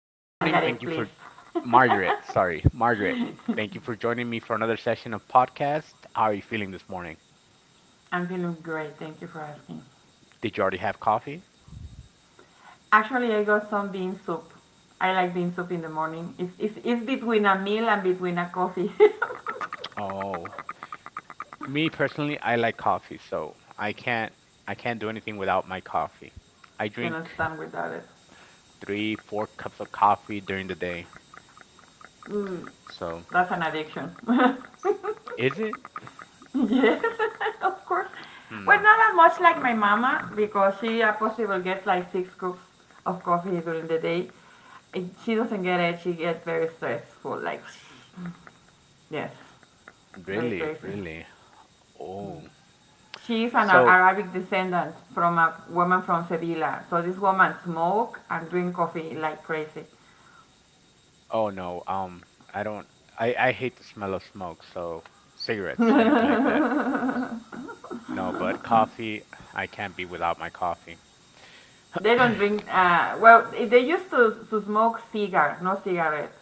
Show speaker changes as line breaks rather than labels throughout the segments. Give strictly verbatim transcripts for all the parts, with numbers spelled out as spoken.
good morning. Thank
Margaret,
you
please.
for Margaret, sorry, Margaret. Thank you for joining me for another session of podcast. How are you feeling this morning?
I'm feeling great. Thank you for asking.
Did you already have coffee?
Actually, I got some bean soup. I like bean soup in the morning. It's, it's, it's between a meal and between a coffee.
Oh, me personally, I like coffee, so I can't I can't do anything without my coffee. I
Cannot
drink
stand without it.
three, four cups of coffee during the day.
Mm,
So,
that's an addiction.
is it?
Yes, of course. Well,
Hmm,
not as much like my mama because she uh, possible gets like six cups of coffee during the day. If she doesn't get it, she gets very stressful. Like, yes, very
really,
crazy.
really. Oh.
She is an
So,
Arabic descendant from a woman from Sevilla. So this woman smoke and drink coffee like crazy.
oh no, um, I don't. I I hate the smell of smoke, so cigarettes, anything like that. No, but coffee, I can't be without my coffee.
They don't drink. Uh, well, they used to, to smoke cigar, no cigarette.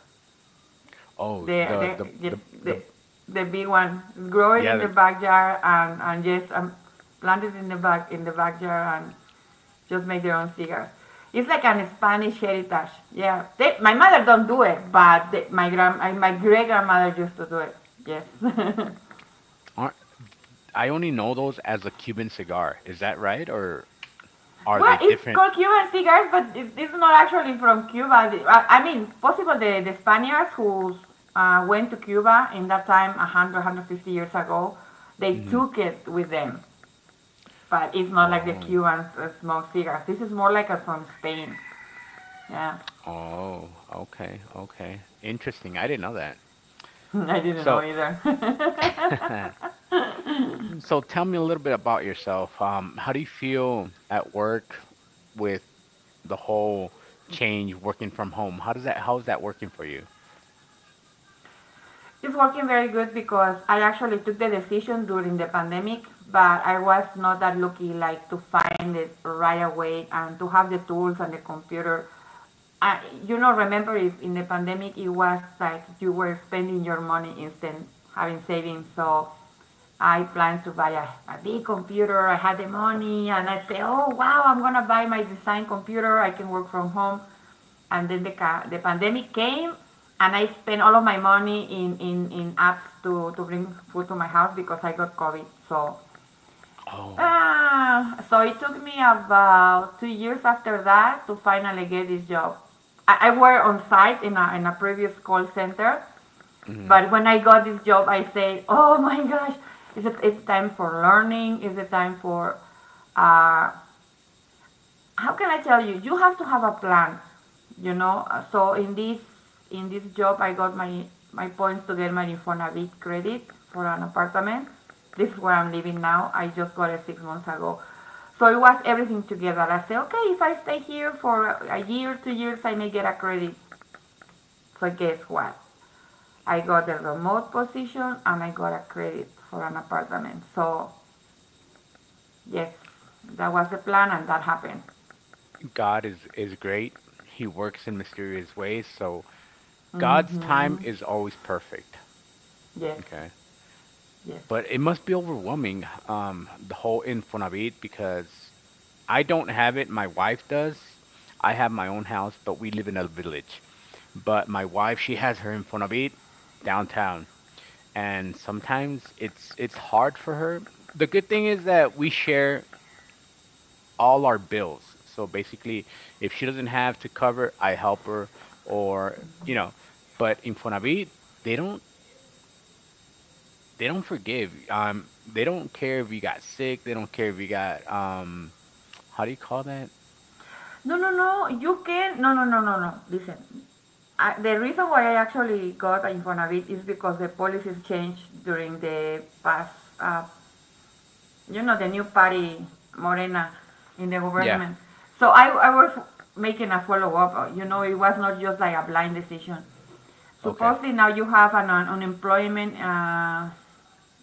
Oh,
The
the the
the
the
the,
the
the big one, grow it
yeah,
in the
the,
backyard and and just um, plant it in the back in the backyard and just make their own cigars. It's like an Spanish heritage. Yeah, they, my mother don't do it, but they, my grand my great grandmother used to do it. Yes.
aren't, I only know those as a Cuban cigar. Is that right, or are
Well,
they
it's
different?
called Cuban cigars, but it- it's not actually from Cuba. The- I I mean, possible the, the Spaniards who uh, went to Cuba in that time, one hundred, one hundred fifty years ago, they
Hmm.
took it with them. But it's not like the
Oh,
Cubans uh, smoke cigars. This is more like a, from Spain. Yeah,
oh, okay, okay. Interesting. I didn't know that.
I didn't know
So,
either.
so tell me a little bit about yourself. Um, how do you feel at work with the whole change working from home? How does that, how is that working for you?
It's working very good because I actually took the decision during the pandemic, but I was not that lucky like to find it right away and to have the tools and the computer. I, you know, remember if in the pandemic it was like you were spending your money instead having savings. So I planned to buy a, a big computer. I had the money, and I said, "Oh wow, I'm gonna buy my design computer. I can work from home." And then the the pandemic came, and I spent all of my money in in, in apps to to bring food to my house because I got COVID. So.
Oh.
Uh, so it took me about two years after that to finally get this job. I, I worked on site in a, in a previous call center,
Mm.
but when I got this job, I said, "Oh my gosh, is it it's time for learning? Is it time for uh, how can I tell you? You have to have a plan, you know." Uh, So in this in this job, I got my my points to get my Infonavit credit for an apartment. This is where I'm living now. I just got it six months ago. So it was everything together. I said, okay, if I stay here for a year, two years, I may get a credit. So guess what? I got a remote position and I got a credit for an apartment. So yes, that was the plan and that happened.
God is is great. He works in mysterious ways, so God's
Mm-hmm.
time is always perfect.
Yes,
Okay.
yes.
But it must be overwhelming, um, the whole Infonavit because I don't have it. My wife does. I have my own house, but we live in a village. But my wife, she has her Infonavit downtown, and sometimes it's it's hard for her. The good thing is that we share all our bills. So basically, if she doesn't have to cover, I help her, or you know. But Infonavit, they don't they don't forgive. Um, they don't care if you got sick. They don't care if you got um, how do you call that?
No, no, no. You can. No, no, no, no, no. Listen. I, the reason why I actually got a Infonavit is because the policies changed during the past uh, you know, the new party, Morena, in the
Yeah.
government. So I, I was making a follow up. uh, You know, it was not just like a blind decision.
Okay.
Supposedly now you have an, un- unemployment uh,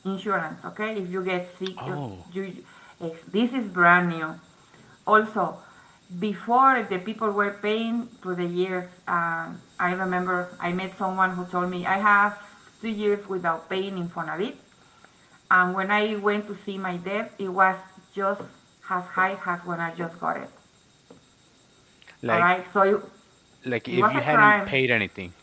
insurance, okay? If you get sick, if
Oh.
you, if this is brand new. Also, before the people were paying through the years, uh, I remember I met someone who told me I have two years without paying in Fonavit, and when I went to see my debt, it was just as high as when I just got it. All right,
Like
so it,
like
it
if
was a
you hadn't
crime.
paid anything.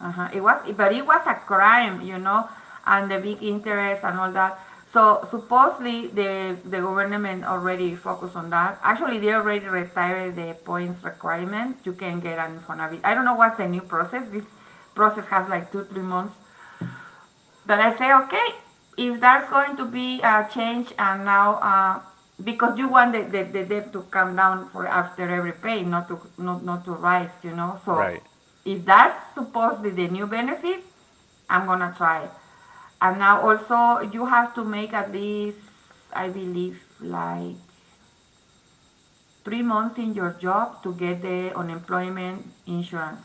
Uh-huh. It was, but it was a crime, you know, and the big interest and all that. So supposedly the the government already focused on that. Actually, they already retired the points requirement. You can get an Infonavit. I don't know what's the new process. This process has like two three months. But I say, okay, if that's going to be a change and now, uh, because you want the, the, the debt to come down for after every pay, not to, not, not to rise, you know, so
Right.
if that's supposedly the new benefit, I'm gonna try it. And now also, you have to make at least, I believe, like three months in your job to get the unemployment insurance,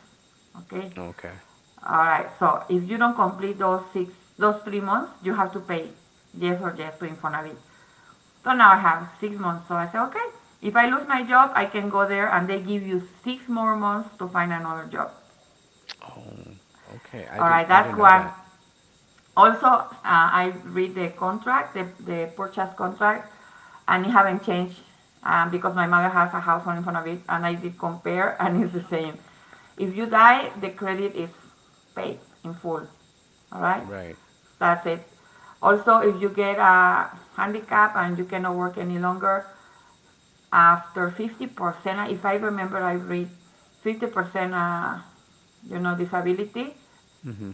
okay?
Okay.
All right, so if you don't complete those six, those three months, you have to pay yes or yes to Infonavit. So now I have six months. So I say, okay, if I lose my job, I can go there and they give you six more months to find another job.
Oh, okay. I
All
didn't
right,
I
that's
didn't know
one.
that.
Also, uh, I read the contract, the, the purchase contract, and it haven't changed um, because my mother has a house on Infonavit, and I did compare, and it's the same. If you die, the credit is paid in full. All right,
Right.
that's it. Also, if you get a handicap and you cannot work any longer, after fifty percent, if I remember, I read fifty percent, uh, you know, disability,
Mm-hmm.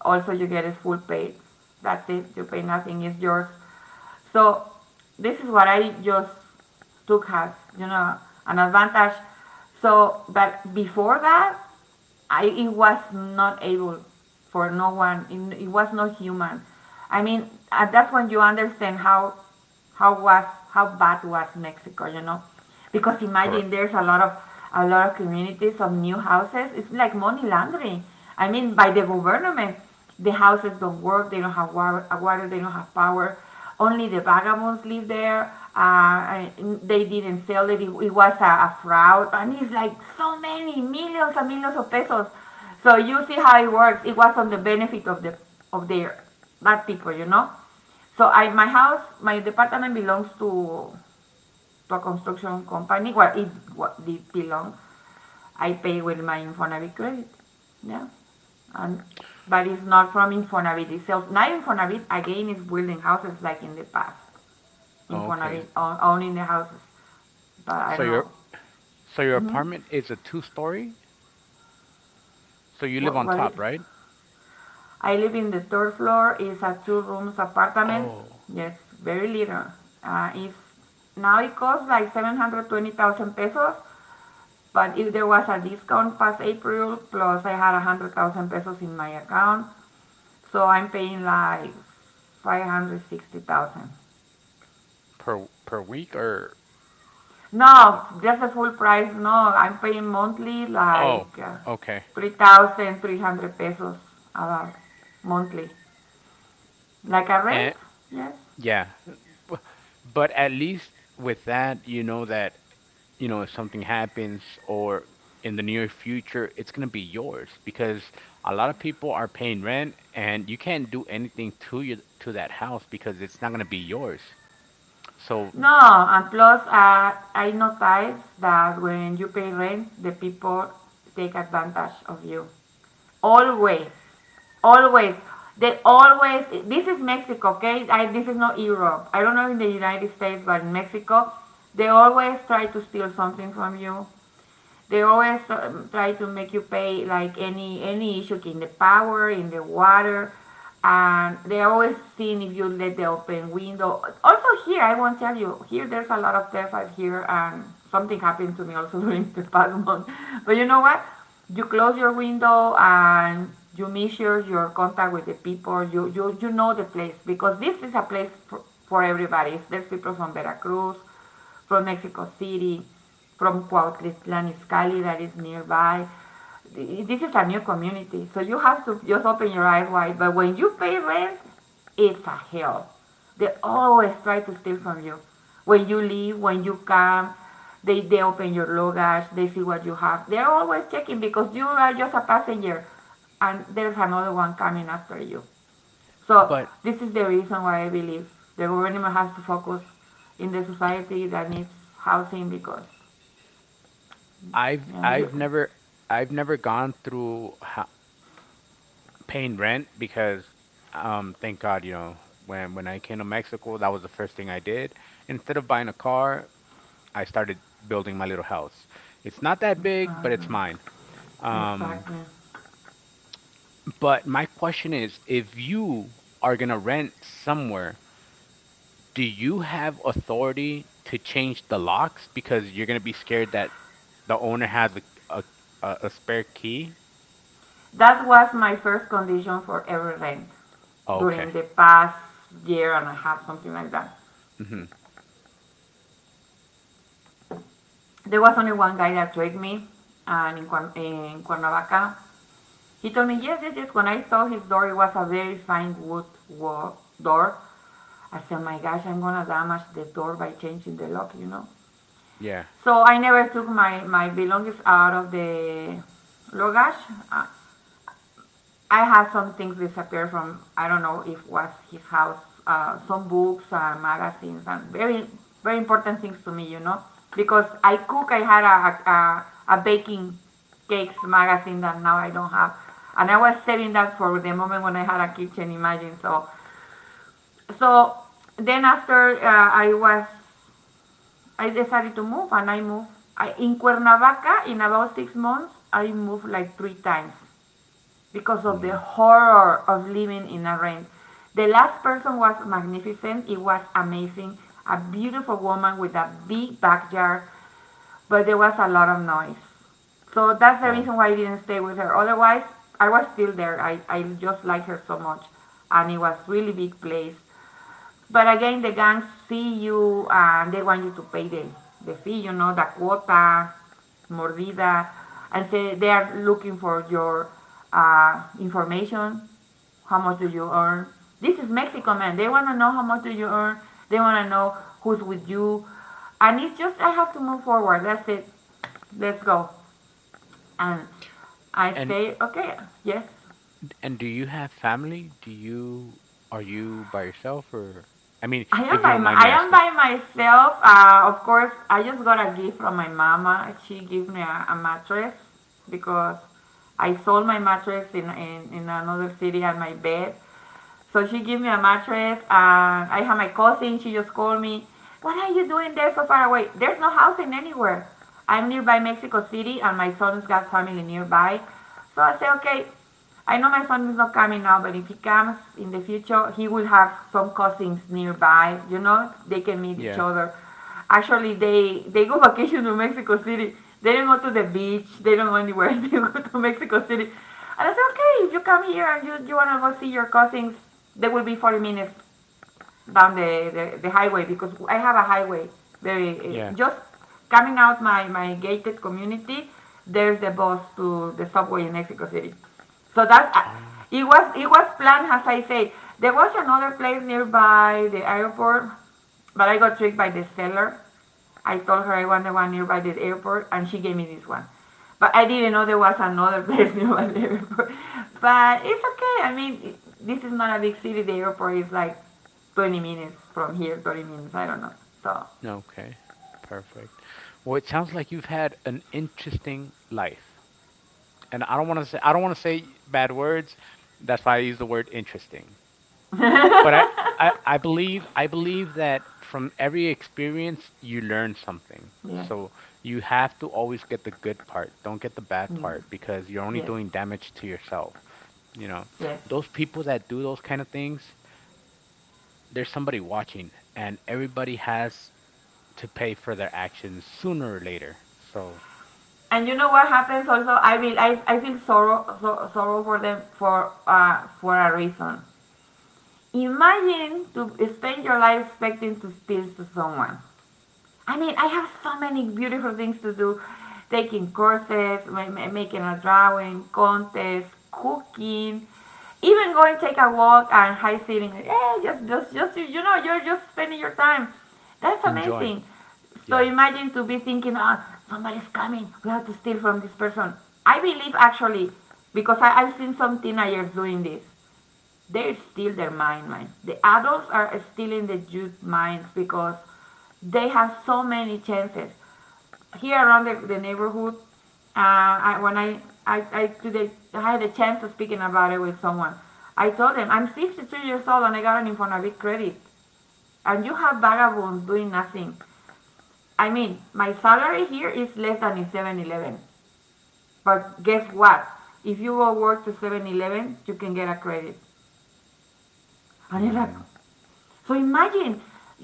also, you get it full paid. That's it. You pay nothing. It's yours. So this is what I just took as you know an advantage. So, but before that, I it was not able for no one. It, it was not human. I mean, and that's when you understand how how was how bad was Mexico. You know, because imagine
Correct.
there's a lot of a lot of communities of new houses. It's like money laundering. I mean, by the government the houses don't work. They don't have water. uh, water they don't have power. Only the vagabonds live there. Uh, they didn't sell it. It, it was a, a fraud, and it's like so many millions and millions of pesos. So you see how it works. It was on the benefit of the of their bad people, you know. So I my house, my department belongs to to a construction company. Well, it, what, it belongs I pay with my Infonavit credit. Yeah. And but it's not from Infonavit itself. Now Infonavit again is building houses like in the past. Infonavit
Okay.
owning the houses. But I
So
don't know.
your so your
Hmm.
apartment is a two story? So you live
What
on
what it,
top, right?
I live in the third floor. It's a two rooms apartment.
Oh,
Yes, very little. Uh, it's now it costs like seven hundred twenty thousand pesos. But if there was a discount past April, plus I had a hundred thousand pesos in my account, so I'm paying like five hundred sixty thousand.
per per week or
No, just the full price. No, I'm paying monthly
oh,
like uh,
okay.
three thousand three hundred pesos about monthly. Like a rent?
And
Yes.
yeah. But at least with that, you know that you know, if something happens or in the near future, it's going to be yours because a lot of people are paying rent and you can't do anything to you to that house because it's not going to be yours. So,
No, and plus uh, I noticed that when you pay rent, the people take advantage of you. Always. Always. They always, this is Mexico, okay? I, this is not Europe. I don't know in the United States, but in Mexico, they always try to steal something from you, they always um, try to make you pay like any any issue in the power, in the water, and they always seen if you let the open window. Also here, I won't tell you. Here, there's a lot of theft. I've here and something happened to me also during the past month. But you know what? You close your window and you measure your contact with the people. You you you know the place because this is a place for, for everybody. There's people from Veracruz, from Mexico City, from Cuautitlán Izcalli that is nearby. This is a new community, so you have to just open your eyes wide. But when you pay rent, it's a hell. They always try to steal from you. When you leave, when you come, they, they open your luggage, they see what you have. They're always checking because you are just a passenger and there's another one coming after you. So
but
this is the reason why I believe the government has to focus in the society that needs housing because
I've
yeah you
I've never I've never gone through ha paying rent because um thank God, you know, when when I came to Mexico, that was the first thing I did. Instead of buying a car, I started building my little house. It's not that big, but it's
exactly
mine. Um,
exactly
But my question is, if you are gonna rent somewhere, do you have authority to change the locks because you're gonna be scared that the owner has a a, a a spare key?
that was my first condition for every rent
Oh, okay.
during the past year and a half something like that.
Hmm.
There was only one guy that tricked me and in, Cuern- in Cuernavaca he told me yes yes yes when I saw his door it was a very fine wood wall door. I said my gosh I'm gonna damage the door by changing the lock you know.
Yeah.
So I never took my, my belongings out of the luggage. Uh, I had some things disappear from, I don't know if was his house, uh, some books, uh, magazines, and very, very important things to me, you know. Because I cook, I had a, a, a baking cakes magazine that now I don't have. And I was saving that for the moment when I had a kitchen, imagine. So, so then after uh, I was I decided to move and I moved. I, in Cuernavaca, in about six months, I moved like three times because of the
Mm.
horror of living in a rent. The last person was magnificent. It was amazing. A beautiful woman with a big backyard, but there was a lot of noise. So that's the
Wow.
reason why I didn't stay with her. Otherwise, I was still there. I, I just liked her so much. And it was really big place. But again, the gang see you and they want you to pay the, the fee, you know, the quota, mordida, and say they are looking for your uh, information. How much do you earn? This is Mexico, man. They want to know how much do you earn. They want to know who's with you. And it's just, I have to move forward. That's it. Let's go. And I
And
say, okay, yes,
and do you have family? Do you are you by yourself or I mean,
I am
if you
by
don't
my,
mind me
I am
asking?
by myself. Uh, of course, I just got a gift from my mama. She gave me a, a mattress because I sold my mattress in, in in another city and my bed. So she gave me a mattress, and I have my cousin. She just called me. What are you doing there so far away? There's no housing anywhere. I'm nearby Mexico City, and my son's got family nearby. So I say, okay, I know my son is not coming now, but if he comes in the future, he will have some cousins nearby. You know, they can meet each
Yeah.
other. Actually, they they go vacation to Mexico City. They don't go to the beach. They don't go anywhere. They go to Mexico City. And I said, okay, if you come here and you, you want to go see your cousins, there will be forty minutes down the, the, the highway because I have a highway. Very uh,
Yeah.
just coming out my my gated community. There's the bus to the subway in Mexico City. So that
Oh,
it was it was planned as I say. There was another place nearby the airport, but I got tricked by the seller. I told her I wanted one nearby the airport, and she gave me this one. But I didn't know there was another place nearby the airport. But it's okay. I mean, this is not a big city. The airport is like twenty minutes from here, thirty minutes. I don't know. So.
okay. Perfect. Well, it sounds like you've had an interesting life. And I don't want to say I don't want to say bad words. That's why I use the word interesting. But I, I I believe I believe that from every experience you learn something.
Yes.
So you have to always get the good part. Don't get the bad
Mm.
part because you're only
Yes.
doing damage to yourself. You know,
Yes.
those people that do those kind of things, there's somebody watching, and everybody has to pay for their actions sooner or later. So
And you know what happens also? I will. I, I feel sorrow, so, sorrow for them for uh, for a reason. Imagine to spend your life expecting to steal to someone. I mean, I have so many beautiful things to do. Taking courses, making a drawing, contest, cooking, even going take a walk and high sitting. Yeah, just, just, just, you you know, you're just spending your time. That's
enjoy.
amazing. So
Yeah.
imagine to be thinking, ah, somebody's coming. We have to steal from this person. I believe actually, because I, I've seen some teenagers doing this they steal their mind minds. The adults are stealing the youth minds because they have so many chances. Here around the, the neighborhood. Uh, I, when I, I, I, today, I had a chance of speaking about it with someone. I told them, I'm fifty-two years old and I got an Infonavit credit. And you have vagabonds doing nothing. I mean, my salary here is less than in seven-Eleven. But guess what? If you go work to seven-Eleven, you can get a credit. And they're like,
Mm,
so imagine,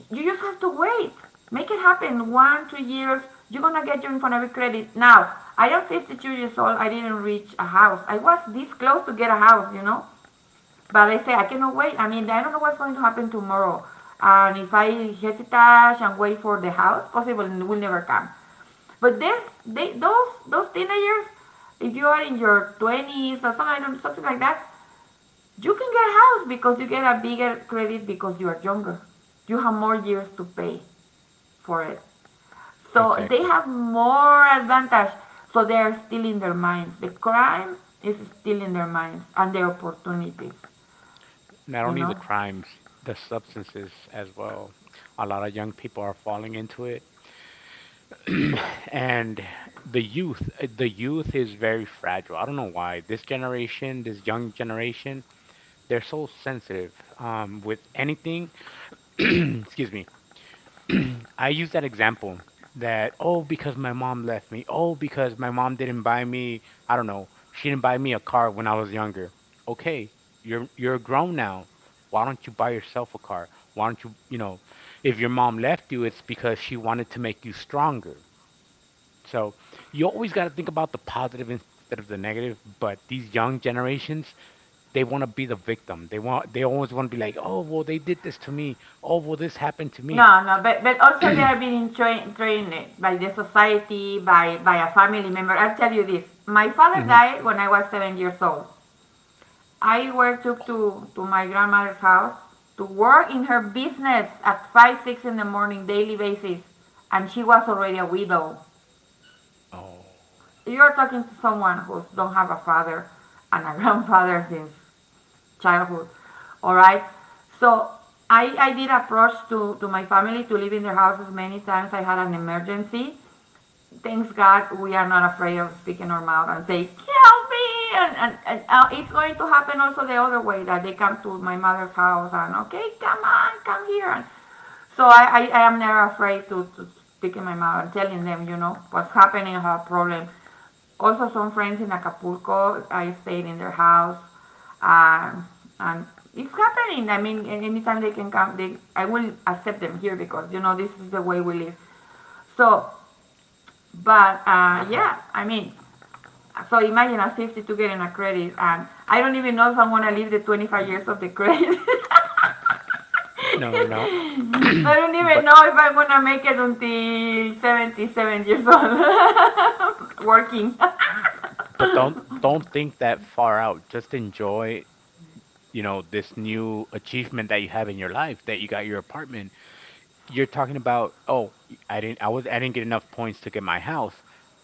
you just have to wait. Make it happen. One, two years, you're gonna get your Infonavit credit. Now, I am fifty-two years old. I didn't reach a house. I was this close to get a house, you know. But I say I cannot wait. I mean, I don't know what's going to happen tomorrow. And if I hesitate and wait for the house, possible it will never come. But this, they, those, those teenagers, if you are in your twenties or something, something like that, you can get a house because you get a bigger credit because you are younger. You have more years to pay for it. So they
exactly.
have more advantage. So they are still in their minds. The crime is still in their minds and the opportunities,
Not
you
only the
know?
crimes, the substances as well. A lot of young people are falling into it. And the youth, the youth is very fragile. I don't know why. This generation, this young generation, they're so sensitive um, with anything. Excuse me. I use that example that, oh, because my mom left me. Oh, because my mom didn't buy me, I don't know, she didn't buy me a car when I was younger. Okay, you're you're grown now. Why don't you buy yourself a car? Why don't you, you know, if your mom left you, it's because she wanted to make you stronger. So you always got to think about the positive instead of the negative. But these young generations, they want to be the victim. They want, they always want to be like, oh, well, they did this to me. Oh, well, this happened to me.
No, no, but, but also they are being tra- trained by the society, by, by a family member. I'll tell you this. My father
Mhm.
died when I was seven years old. I were took to, to my grandmother's house to work in her business at five, six in the morning, daily basis, and she was already a widow.
Oh.
You're talking to someone who don't have a father and a grandfather since childhood, all right? So I, I did approach to, to my family to live in their houses many times. I had an emergency thanks God we are not afraid of speaking our mouth and say, help me. And, and, and uh, it's going to happen also the other way that they come to my mother's house and, okay, come on, come here. And so I, I, I am never afraid to, to speak in my mouth and telling them, you know, what's happening, her problem. Also, some friends in Acapulco, I stayed in their house. Um, and it's happening. I mean, anytime they can come, they, I will accept them here because, you know, this is the way we live. So but uh, yeah, I mean, so imagine at fifty-two getting a credit, and I don't even know if I'm gonna live the twenty-five years of the credit.
No, no.
I don't even
But
know if I'm gonna make it until seventy-seven years old working.
but don't don't think that far out. Just enjoy, you know, this new achievement that you have in your life, that you got your apartment. You're talking about, oh, I didn't I was I didn't get enough points to get my house.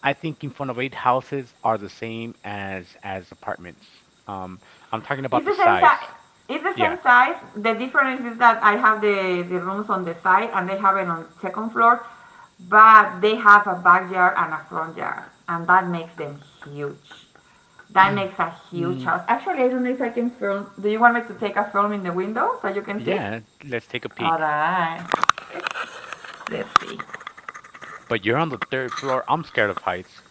I think in front of eight houses are the same as as apartments. Um, I'm talking about
It's
the
the same size.
size.
It's the
Yeah.
same size. The difference is that I have the, the rooms on the side and they have it on the second floor, but they have a backyard and a front yard, and that makes them huge. That makes a huge
Mm,
house. Actually, I don't know if I can film. Do you want me to take a film in the window so you can see?
yeah, let's take a
All
peek.
right. Let's see.
But you're on the third floor. I'm scared of heights.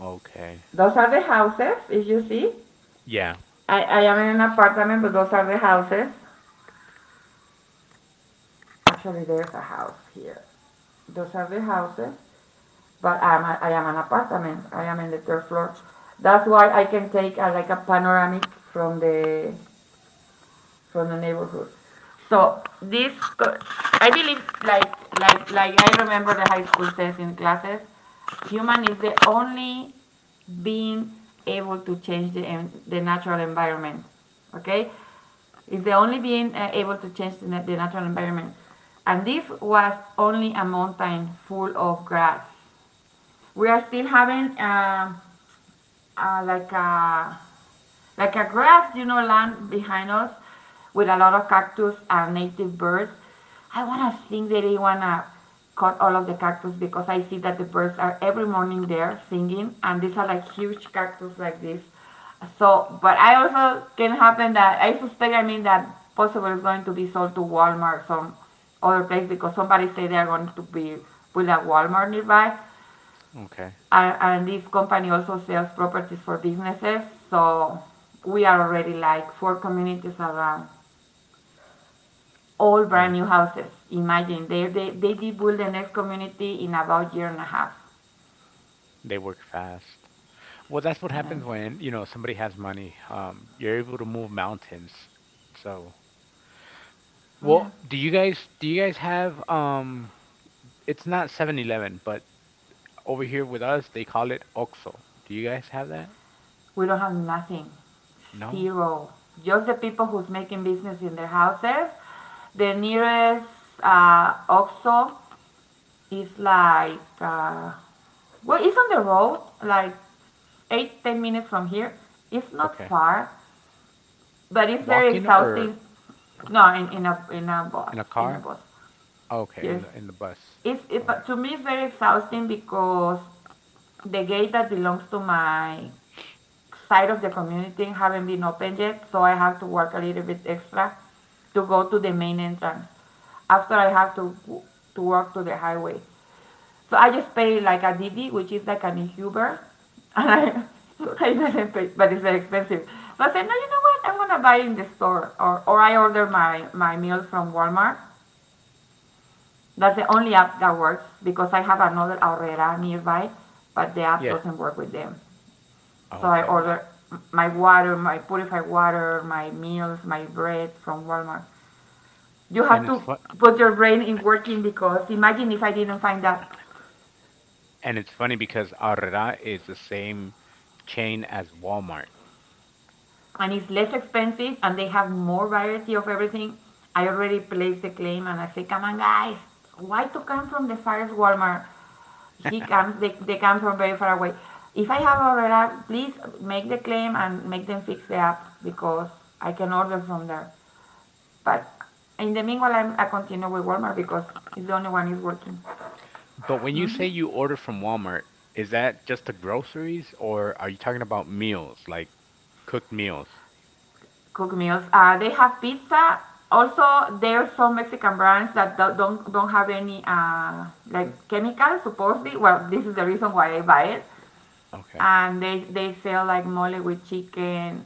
Okay.
Those are the houses. If you see,
Yeah.
I, I am in an apartment, but those are the houses. Actually, there's a house here. Those are the houses. But I'm a, I am an apartment. I am in the third floor. That's why I can take a, like a panoramic from the from the neighborhood. So this, I believe, like like like I remember the high school says in classes, human is the only being able to change the the natural environment. Okay, is the only being uh, able to change the, the natural environment, and this was only a mountain full of grass we are still having uh, uh, like a like a grass, you know, land behind us with a lot of cactus and native birds. I wanna think that they wanna cut all of the cactus because I see that the birds are every morning there singing, and these are like huge cactus like this. So, but I also can happen that I suspect. I mean that possible is going to be sold to Walmart some other place because somebody say they're going to be with a Walmart nearby.
Okay.
And, and this company also sells properties for businesses. So we are already like four communities around, all
Oh,
brand new houses. Imagine they they they did build the next community in about a year and a half.
they work fast. Well, that's what happens
Yes.
when, you know, somebody has money. Um, you're able to move mountains. So,
Yeah.
well, do you guys do you guys have um it's not seven-Eleven, but over here with us they call it OXXO. Do you guys have that?
We don't have nothing,
No?
zero. Just the people who's making business in their houses. The nearest uh, OXXO is like uh, well, it's on the road, like eight ten minutes from here. It's not
Okay.
far. But it's very
Walking or
exhausting. No, in, in a in a bus,
in a
in a
car?
bus.
Okay, in
Yes,
the in the bus.
it's it,
All
but
right.
to me it's very exhausting because the gate that belongs to my side of the community haven't been opened yet, so I have to work a little bit extra to go to the main entrance. After I have to to walk to the highway, so I just pay like a Didi, which is like an Uber, and I I didn't pay, but it's very expensive. So I said, no, you know what? I'm gonna buy in the store, or or I order my my meals from Walmart. That's the only app that works because I have another Aurrera nearby, but the app
Yeah.
doesn't work with them.
Oh,
So I
okay. No.
order my water, my purified water, my meals, my bread from Walmart. You have
And it's
to
fun
put your brain in working because imagine if I didn't find that.
and it's funny because Aurrera is the same chain as Walmart.
And it's less expensive and they have more variety of everything. I already placed the claim and I say, come on guys, why to come from the farthest Walmart? He comes, they, they come from very far away. If I have ordered app, please make the claim and make them fix the app because I can order from there. But in the meanwhile, I'm, I continue with Walmart because it's the only one is working.
But when you say you order from Walmart, is that just the groceries or are you talking about meals, like cooked meals?
Cook meals. Uh, they have pizza. Also, there are some Mexican brands that do- don't don't have any uh, like chemicals. Supposedly, well, this is the reason why I buy it.
Okay.
And they they sell like mole with chicken,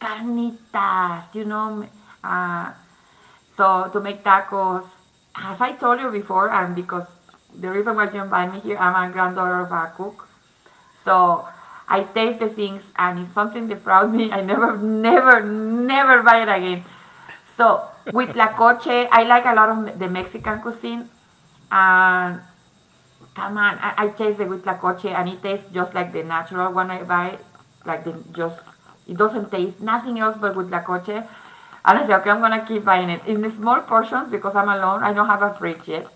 carnitas, you know. m- Uh, so to make tacos, as I told you before, and because the reason why you invite me here, I'm a granddaughter of a cook. So I taste the things, and if something defrauds me, I never, never, never buy it again. So with La Coche, I like a lot of me- the Mexican cuisine. And come on, I, I taste the with huitlacoche and it tastes just like the natural one I buy. Like the just, it doesn't taste nothing else but with huitlacoche. And I say, okay, I'm gonna keep buying it in the small portions because I'm alone. I don't have a fridge yet.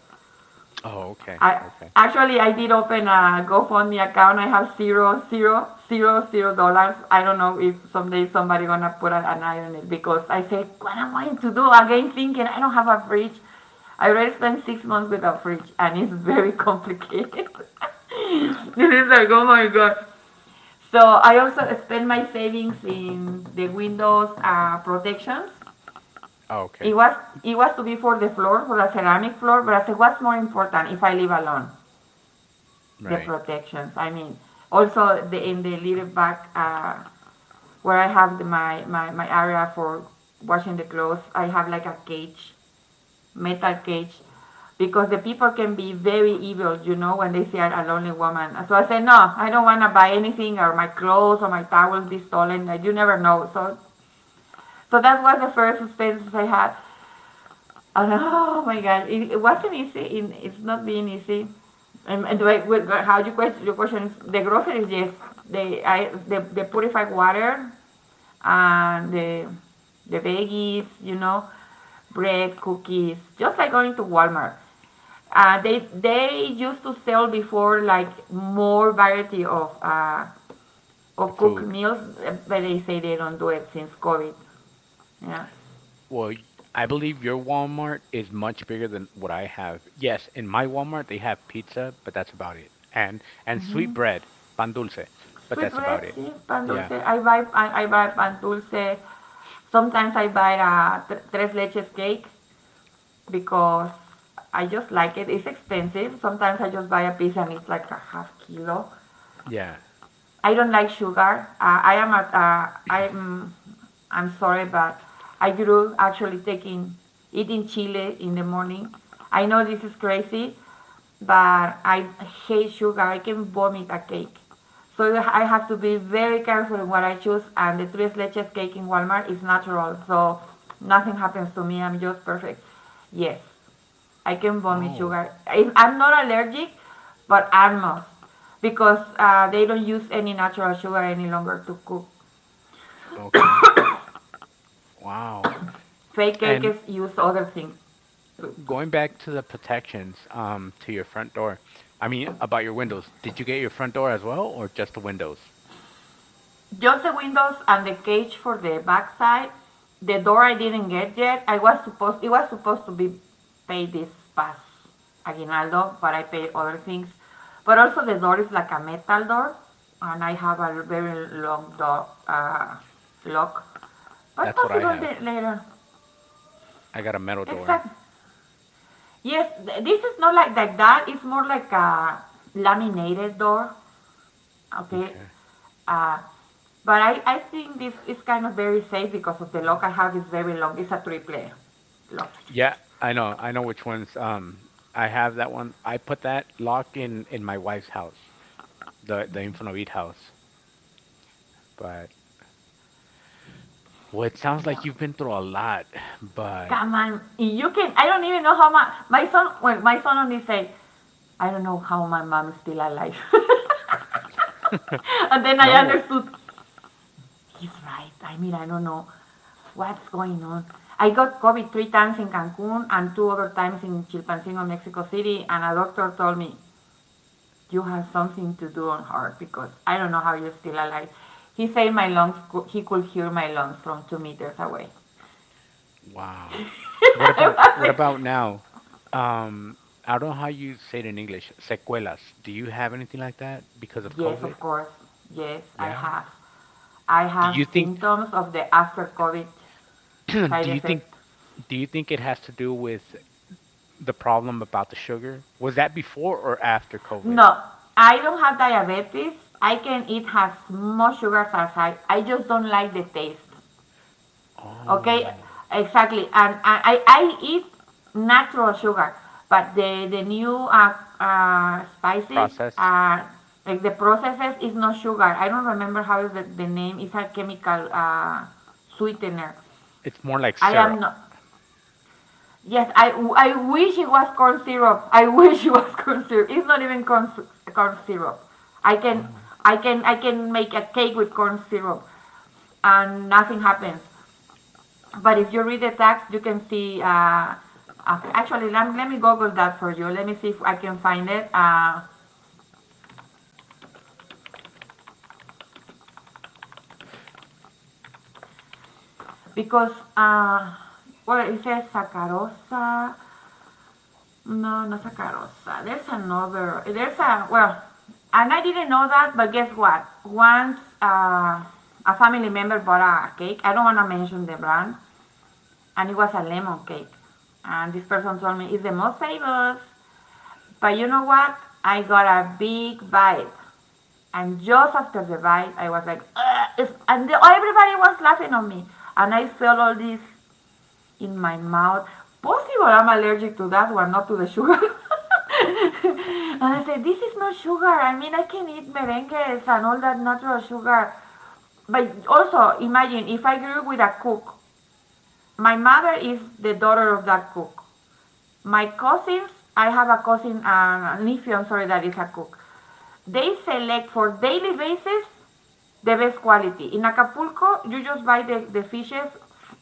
Oh, okay.
I
Okay.
actually I did open a GoFundMe account. I have zero, zero, zero, zero dollars. I don't know if someday somebody gonna put an eye on it because I said, what am I to do? Again, thinking I don't have a fridge. I already spent six months without fridge, and it's very complicated. This is like, oh my god. So I also spent my savings in the windows uh, protections.
Oh,
It
okay.
was it was to be for the floor, for the ceramic floor, but I said, what's more important if I live alone? The
Right.
protections. I mean, also the, in the little back uh, where I have the, my, my, my area for washing the clothes, I have like a cage, metal cage, because the people can be very evil, you know, when they see a lonely woman. So I say, no, I don't want to buy anything or my clothes or my towels be stolen. I, you never know. So, so that was the first expenses I had. Oh, no. Oh my God, it, it wasn't easy. It, it's not being easy. And, and the way, with, how you question your question is the groceries? Yes, the I the, the purified water and the the veggies, you know, bread, cookies, just like going to Walmart. Uh, they they used to sell before like more variety of uh, of cooked
Food.
meals, but they say they don't do it since COVID. Yeah.
Well, y- I believe your Walmart is much bigger than what I have. Yes, in my Walmart they have pizza, but that's about it. And and sweet bread, pan dulce, but
Sweet
that's about
bread,
it.
sí, pan
Yeah.
dulce. I buy pan, I buy pan dulce. Sometimes I buy a tres leches cake because I just like it. It's expensive. Sometimes I just buy a piece and it's like a half kilo.
Yeah.
I don't like sugar. Uh, I am at, uh, I'm, I'm sorry, but I grew actually taking, eating chili in the morning. I know this is crazy, but I hate sugar. I can vomit a cake. So I have to be very careful in what I choose, and the tres leches cake in Walmart is natural, so nothing happens to me. I'm just perfect. Yes. I can vomit
Oh,
sugar. I, I'm not allergic, but almost because uh, they don't use any natural sugar any longer to cook.
okay. Wow.
Fake
And
cakes use other things to, to
going back to the protections, um, to your front door. I mean, about your windows. Did you get your front door as well, or just the windows?
Just the windows and the cage for the backside. The door I didn't get yet. I was supposed it was supposed to be paid this past aguinaldo, but I paid other things. But also the door is like a metal door, and I have a very long door uh, lock. But
That's what I
possible
have.
later.
I got a metal door.
Exactly. Yes, this is not like like that. It's more like a laminated door. Okay.
Okay.
Uh, but I, I think this is kind of very safe because of the lock I have is very long. It's a triple lock.
Yeah, I know. I know which ones. Um, I have that one. I put that lock in in my wife's house, the the Infonavit house. But well, it sounds like
Yeah.
you've been through a lot. But
Come on. You can, I don't even know how my, my son, well, my son only say, I don't know how my mom is still alive. And then I
no.
understood, he's right. I mean, I don't know what's going on. I got COVID three times in Cancun and two other times in Chilpancingo, Mexico City, and a doctor told me, you have something to do on her because I don't know how you're still alive. He said my lungs, he could hear my lungs from two meters away.
Wow. What
I
about
was
what
like,
about now? Um, I don't know how you say it in English. Sequelas. Do you have anything like that because of
yes,
COVID?
of course. Yes, I
Yeah.
have. I
Do
have
you think
symptoms of the after COVID side
do you think
effect.
do you think it has to do with the problem about the sugar? Was that before or after COVID?
No, I don't have diabetes. I can eat as much sugar as I, I just don't like the taste. Okay,
Oh,
exactly. And, and I, I eat natural sugar, but the, the new uh, uh, spices,
process.
uh, like the processes, is no sugar. I don't remember how is the, the name. It's a chemical uh, sweetener.
It's more like
I am
syrup.
not. Yes, I, I wish it was corn syrup. I wish it was corn syrup. It's not even corn, sy- corn syrup. I can
Oh,
I can I can make a cake with corn syrup, and nothing happens. But if you read the text, you can see. Uh, uh, actually, let, let me Google that for you. Let me see if I can find it. Uh, because uh, well, it says Saccharosa. No, not Saccharosa. There's another. There's a well, and I didn't know that. But guess what? Once uh, a family member bought a cake. I don't want to mention the brand, and it was a lemon cake. And this person told me it's the most famous. But you know what? I got a big bite. And just after the bite, I was like, "Ugh," it's, and the, everybody was laughing on me. And I felt all this in my mouth. Possible I'm allergic to that one, not to the sugar.
po-
And I said, this is not sugar. I mean, I can eat merengues and all that natural sugar. But also, imagine if I grew up with a cook. My mother is the daughter of that cook. My cousins, I have a cousin, uh, a nephew, I'm sorry, that is a cook. They select for daily basis the best quality. In Acapulco, you just buy the, the fishes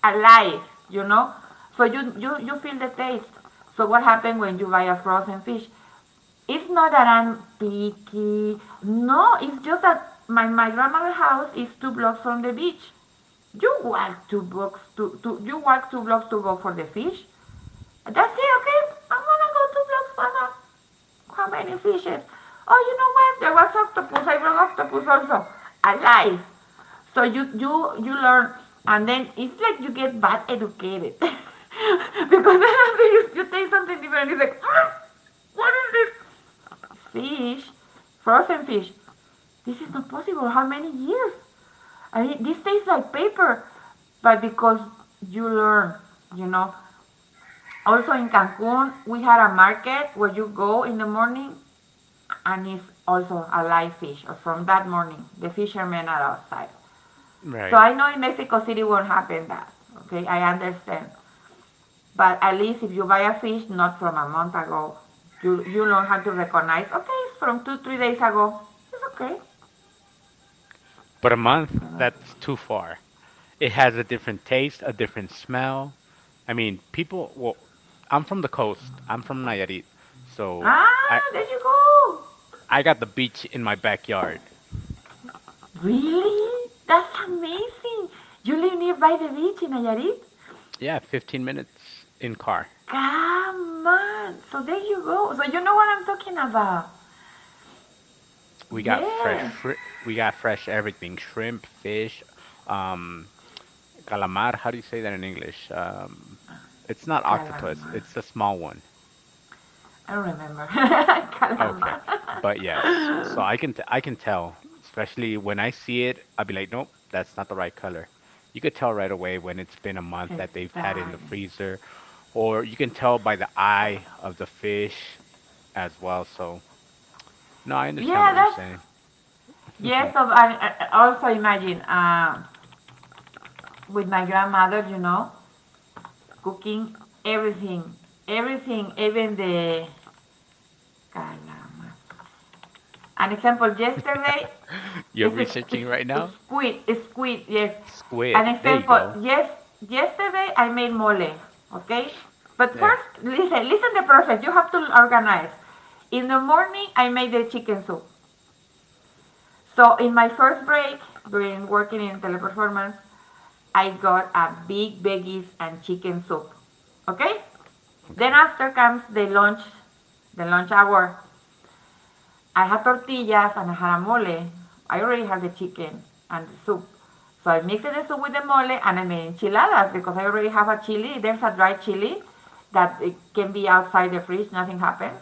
alive, you know? So you, you, you feel the taste. So what happens when you buy a frozen fish? It's not that I'm picky. No, it's just that my, my grandmother's house is two blocks from the beach. You walk two blocks to, to you walk two blocks to go for the fish. That's it, okay? I'm gonna go two blocks, Mama. How many fishes? Oh, you know what? There was octopus. I brought octopus also, alive. So you you you learn, and then it's like you get bad educated because then after you, you taste something different, it's like, "Ah, what is this? Fish, frozen fish. This is not possible. How many years? I mean, this tastes like paper, but because you learn, you know. Also in Cancun, we had a market where you go in the morning and is also a live fish. Or from that morning, the fishermen are outside. So
right.
I know in Mexico City won't happen that. Okay, I understand. But at least if you buy a fish not from a month ago, you you learn how to recognize. Okay, it's from two three days ago. It's okay.
But a month, that's too far. It has a different taste, a different smell. I mean, people, well, I'm from the coast. I'm from Nayarit. So
Ah,
I
there you go.
I got the beach in my backyard.
Really? That's amazing. You live nearby the beach in Nayarit?
Yeah, fifteen minutes in car.
Come on. So there you go. So you know what I'm talking about.
We got fresh
Yes.
shri- we got fresh everything. Shrimp, fish, um calamar, how do you say that in English? Um it's not octopus,
Calama.
it's a small one.
I don't remember.
Okay.
Calamar.
But yes, so I can t I can tell, especially when I see it, I'll be like, nope, that's not the right color. You could tell right away when it's been a month that they've had it in the
Exactly.
freezer, or you can tell by the eye of the fish as well. So, no, I understand
Yeah,
what you're
that's
saying.
yes. So I, I also imagine uh, with my grandmother, you know, cooking everything, everything, even the calamar. An example: yesterday
You're
it's a
researching right now?
squid, it's squid, yes. An
Squid. There you
example,
go.
yes, yesterday I made mole, okay? But
Yeah.
first, listen, listen the process, you have to organize. In the morning, I made the chicken soup. So in my first break, during working in teleperformance, I got a big veggies and chicken soup, okay? Then
Okay.
after comes the lunch, the lunch hour. I had tortillas and I had a mole. I already had the chicken and the soup. So I mixed the soup with the mole and I made enchiladas because I already have a chili. There's a dry chili that it can be outside the fridge, nothing happens.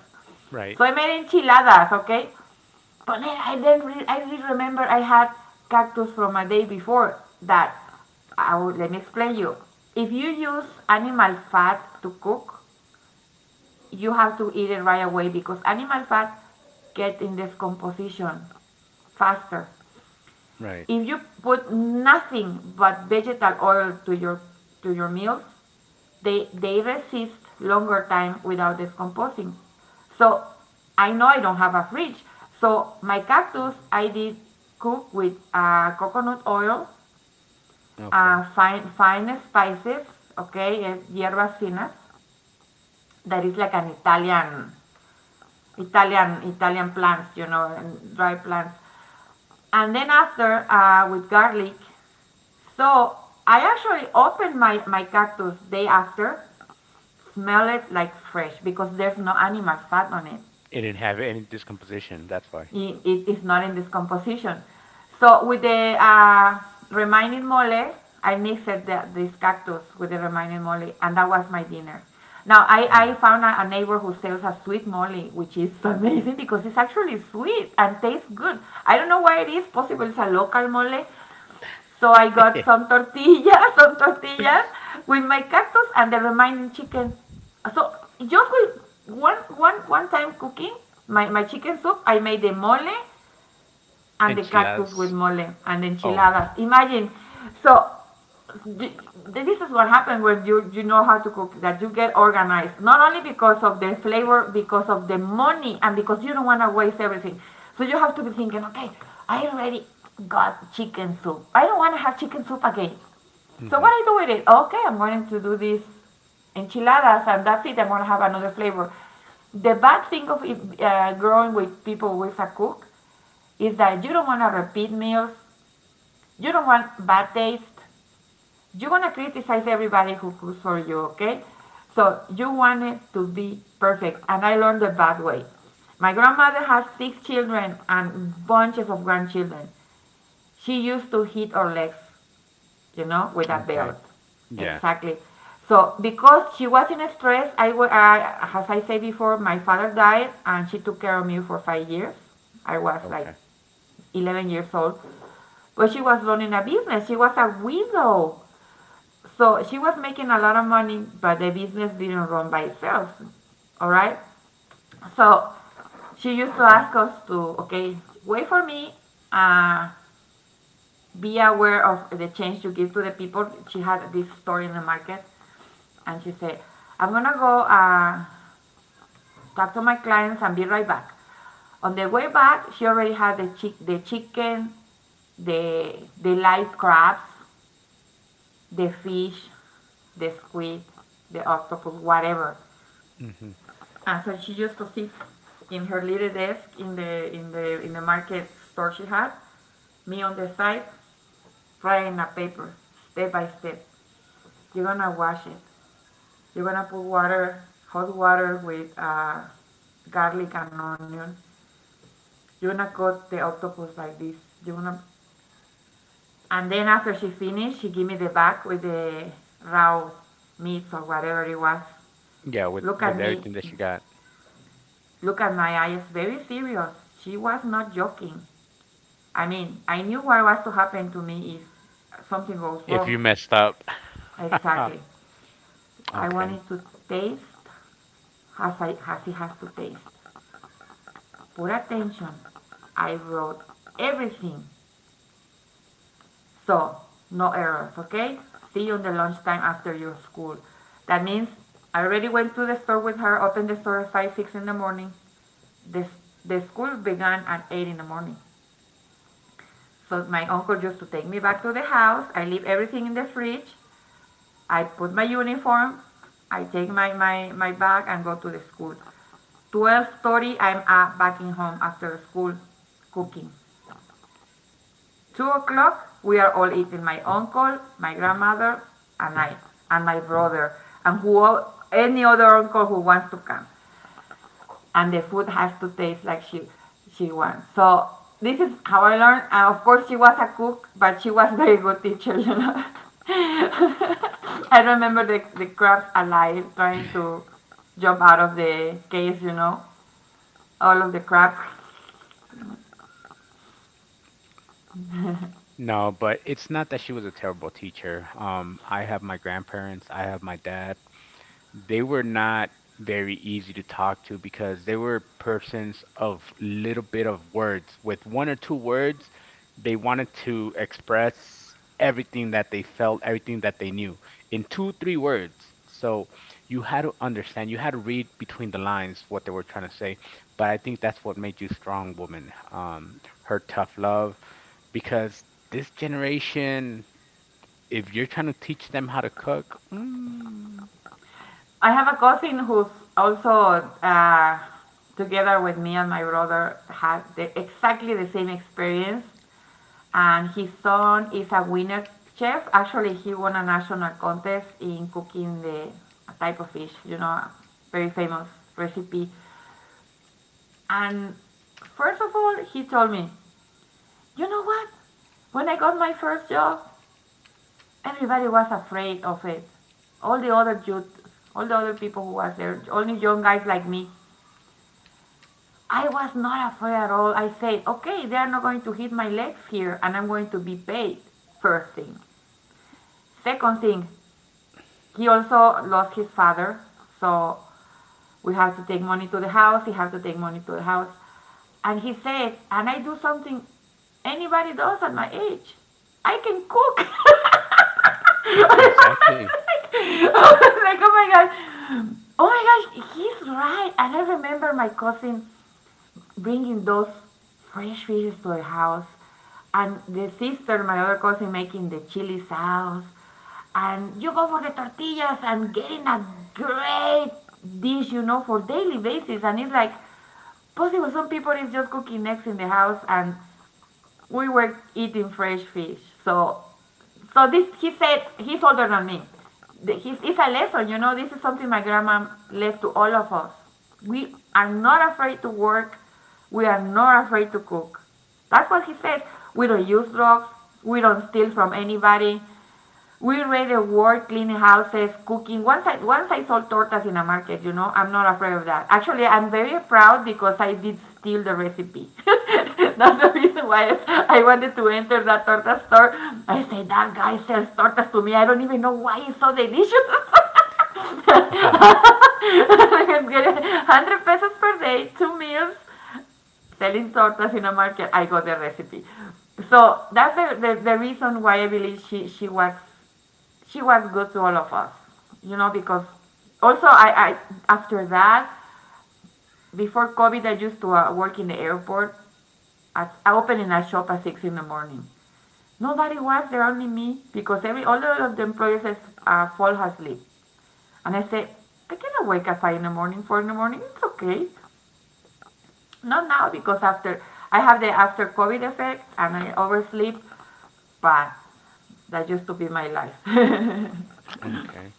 Right.
So I made enchiladas, okay? But then I not re- I did remember I had cactus from a day before that. I will, let me explain you. If you use animal fat to cook, you have to eat it right away because animal fat get in decomposition faster.
Right.
If you put nothing but vegetable oil to your to your meals, they they resist longer time without decomposing. So I know I don't have a fridge. So my cactus I did cook with uh, coconut oil,
Okay.
uh, fine fine spices, okay, eh, hierbas finas. That is like an Italian Italian Italian plants, you know, and dry plants. And then after uh, with garlic. So I actually opened my my cactus day after, smell it like fresh because there's no animal fat on it.
It didn't have any discomposition. That's why.
it, it is not in this composition. So with the uh, remaining mole, I mixed the, this cactus with the remaining mole, and that was my dinner. Now I, I
Mm.
found a, a neighbor who sells a sweet mole, which is amazing because it's actually sweet and tastes good. I don't know why it is. Possibly it's a local mole. So I got some tortillas, some tortillas with my cactus and the remaining chicken. So just with one one one time cooking my, my chicken soup, I made the mole, and the cactus with
Enchiladas.
mole and
Oh.
enchiladas. Imagine. So this is what happens when you you know how to cook. That you get organized, not only because of the flavor, because of the money, and because you don't want to waste everything. So you have to be thinking, okay, I already got chicken soup. I don't want to have chicken soup again. So what
Hmm.
I do with it? Okay, I'm going to do this enchiladas, and that's it. I'm going to have another flavor. The bad thing of it, uh, growing with people with a cook is that you don't want to repeat meals, you don't want bad taste, you want to criticize everybody who cooks for you, okay? So you want it to be perfect, and I learned the bad way. My grandmother had six children and bunches of grandchildren. She used to hit her legs, you know, with a
Okay.
belt.
Yeah.
Exactly. So because she was in stress, I, I as I said before, my father died, and she took care of me for five years. I was like
Okay.
eleven years old. But she was running a business. She was a widow. So she was making a lot of money, but the business didn't run by itself. All right? So she used to ask us to, okay, wait for me. Uh, be aware of the change you give to the people. She had this store in the market, and she said, I'm going to go uh, talk to my clients and be right back. On the way back, she already had the, chi- the chicken, the, the live crabs, the fish, the squid, the octopus, whatever.
Hmm.
And so she used to sit in her little desk in the in the in the market store she had, me on the side, writing a paper, step by step. You're gonna wash it. You're gonna put water, hot water with uh, garlic and onion. You're gonna cut the octopus like this. You're gonna And then after she finished, she gave me the bag with the raw meats or whatever it was.
Yeah, with
Look at
with
me.
everything that she got.
Look at my eyes. Very serious. She was not joking. I mean, I knew what was to happen to me if something goes
If
wrong.
you messed up.
Exactly. I
Okay.
wanted to taste as, I, as it has to taste. Put attention. I wrote everything. So, no errors, okay? See you on the lunchtime after your school. That means I already went to the store with her, opened the store at five, six in the morning. The, the school began at eight in the morning. So my uncle just to take me back to the house. I leave everything in the fridge. I put my uniform. I take my, my, my bag and go to the school. twelve thirty, I'm uh, back in home after school cooking. two o'clock, we are all eating. My uncle, my grandmother, and I, and my brother, and who, any other uncle who wants to come. And the food has to taste like she she wants. So this is how I learned. And of course, she was a cook, but she was very good teacher. You know, I remember the the crabs alive trying to jump out of the case. You know, all of the crabs.
No, but it's not that she was a terrible teacher. Um, I have my grandparents, I have my dad. They were not very easy to talk to because they were persons of little bit of words. With one or two words, they wanted to express everything that they felt, everything that they knew in two, three words. So you had to understand, you had to read between the lines what they were trying to say. But I think that's what made you strong, woman. Um, her tough love, because this generation, if you're trying to teach them how to cook, mm.
I have a cousin who's also uh, together with me and my brother had the, exactly the same experience and his son is a winner chef. Actually, he won a national contest in cooking the type of fish, you know, very famous recipe. And first of all, he told me, you know what? When I got my first job, everybody was afraid of it. All the other youth, all the other people who was there, only young guys like me. I was not afraid at all. I said, okay, they are not going to hit my legs here, and I'm going to be paid. First thing. Second thing, he also lost his father, so we have to take money to the house. He have to take money to the house, and he said, "And I do something anybody does at my age. I can cook." I was
Exactly.
like, I was like, "Oh my god, oh my gosh, he's right." And I remember my cousin bringing those fresh fishes to the house, and the sister, my other cousin, making the chili sauce, and you go for the tortillas and getting a great dish, you know, for daily basis, and it's like possible. Some people is just cooking eggs in the house and we were eating fresh fish. So, so this he said he's older than me. He's, it's a lesson, you know. This is something my grandma left to all of us. We are not afraid to work. We are not afraid to cook. That's what he said. We don't use drugs. We don't steal from anybody. We raid the work, cleaning houses, cooking. Once I once I sold tortas in a market, you know. I'm not afraid of that. Actually, I'm very proud because I did steal the recipe. That's the reason why I wanted to enter that torta store. I said that guy sells tortas to me. I don't even know why it's so delicious.
Ah.
I was getting a hundred pesos per day, two meals, selling tortas in a market. I got the recipe. So that's the, the, the reason why I believe she, she was she was good to all of us, you know, because also I, I after that, before COVID, I used to uh, work in the airport. At, I opened in a shop at six in the morning. Nobody was there, only me, because every all of the employees is, uh, fall asleep. And I said, I cannot wake at five in the morning, four in the morning, it's okay. Not now, because after I have the after COVID effect and I oversleep, but that used to be my life.
Okay.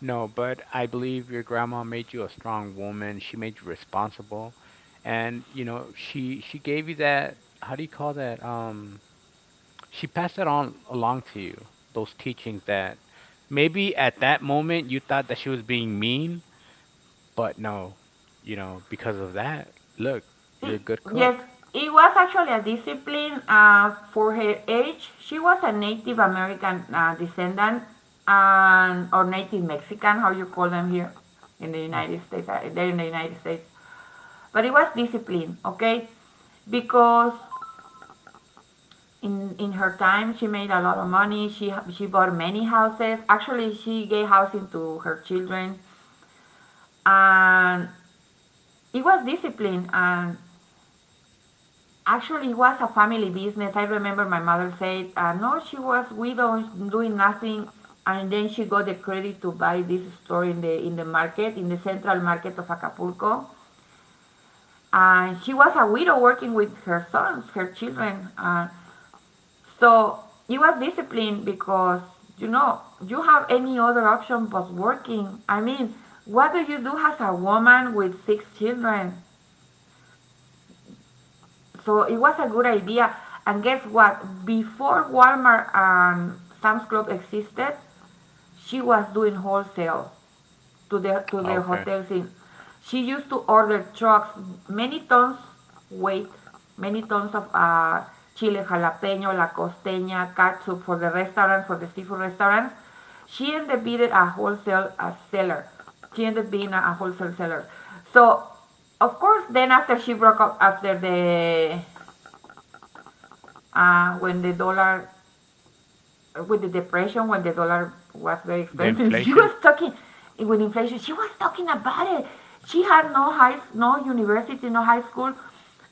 No, but I believe your grandma made you a strong woman. She made you responsible. And, you know, she she gave you that, how do you call that? Um, she passed that on along to you, those teachings that maybe at that moment you thought that she was being mean, but no, you know, because of that, look, you're
I-
a good
Yes,
cook.
it was actually a discipline uh, for her age. She was a Native American uh, descendant and or Native Mexican, how you call them here in the
Mm.
United States. Uh, they're in the United States, but it was discipline, okay? Because in in her time, she made a lot of money. She she bought many houses. Actually, she gave housing to her children, and it was discipline and actually, it was a family business. I remember my mother said, uh, "No, she was widow, doing nothing," and then she got the credit to buy this store in the in the market, in the central market of Acapulco. And she was a widow working with her sons, her children. Uh, so it was discipline because you know you have any other option but working. I mean, what do you do as a woman with six children? So it was a good idea. And guess what? Before Walmart and Sam's Club existed, she was doing wholesale to the to the
Okay.
hotels in. She used to order trucks, many tons weight, many tons of uh, chile jalapeño, la costeña, katsu for the restaurants, for the seafood restaurants. She ended up being a wholesale uh, seller. She ended up being a, a wholesale seller. So, of course, then after she broke up after the uh, when the dollar, with the depression, when the dollar was very
The
expensive, she
inflation?
was talking, with inflation, she was talking about it. She had no high, no university, no high school.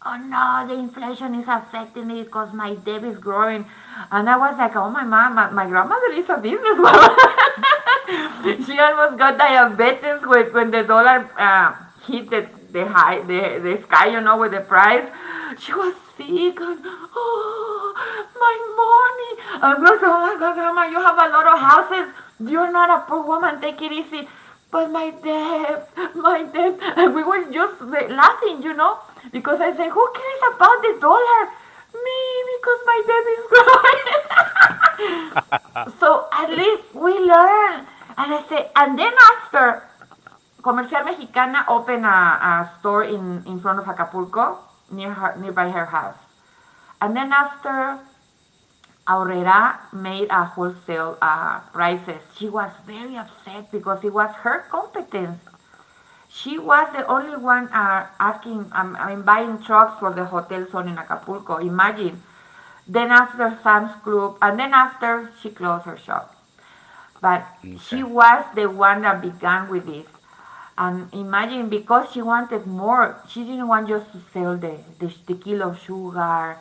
Oh no, the inflation is affecting me because my debt is growing. And I was like, oh my mom, my, my grandmother is a businesswoman. She almost got diabetes when, when the dollar uh, hit the, the high the, the sky, you know, with the price. She was sick and oh my money, and we was oh my God, grandma, you have a lot of houses, you're not a poor woman, take it easy. But my debt, my debt, and we were just laughing, you know, because I said who cares about the dollar. Me, because my debt is growing. So at least we learned. And I said, and then after Comercial Mexicana opened a, a store in, in front of Acapulco, near her, nearby her house. And then after Aurrera made a wholesale uh, prices, she was very upset because it was her competence. She was the only one uh, asking, um, I mean, buying trucks for the hotel zone in Acapulco. Imagine. Then after Sam's Club, and then after she closed her shop, but she
Okay.
was the one that began with this. And imagine because she wanted more, she didn't want just to sell the, the, the kilo of sugar.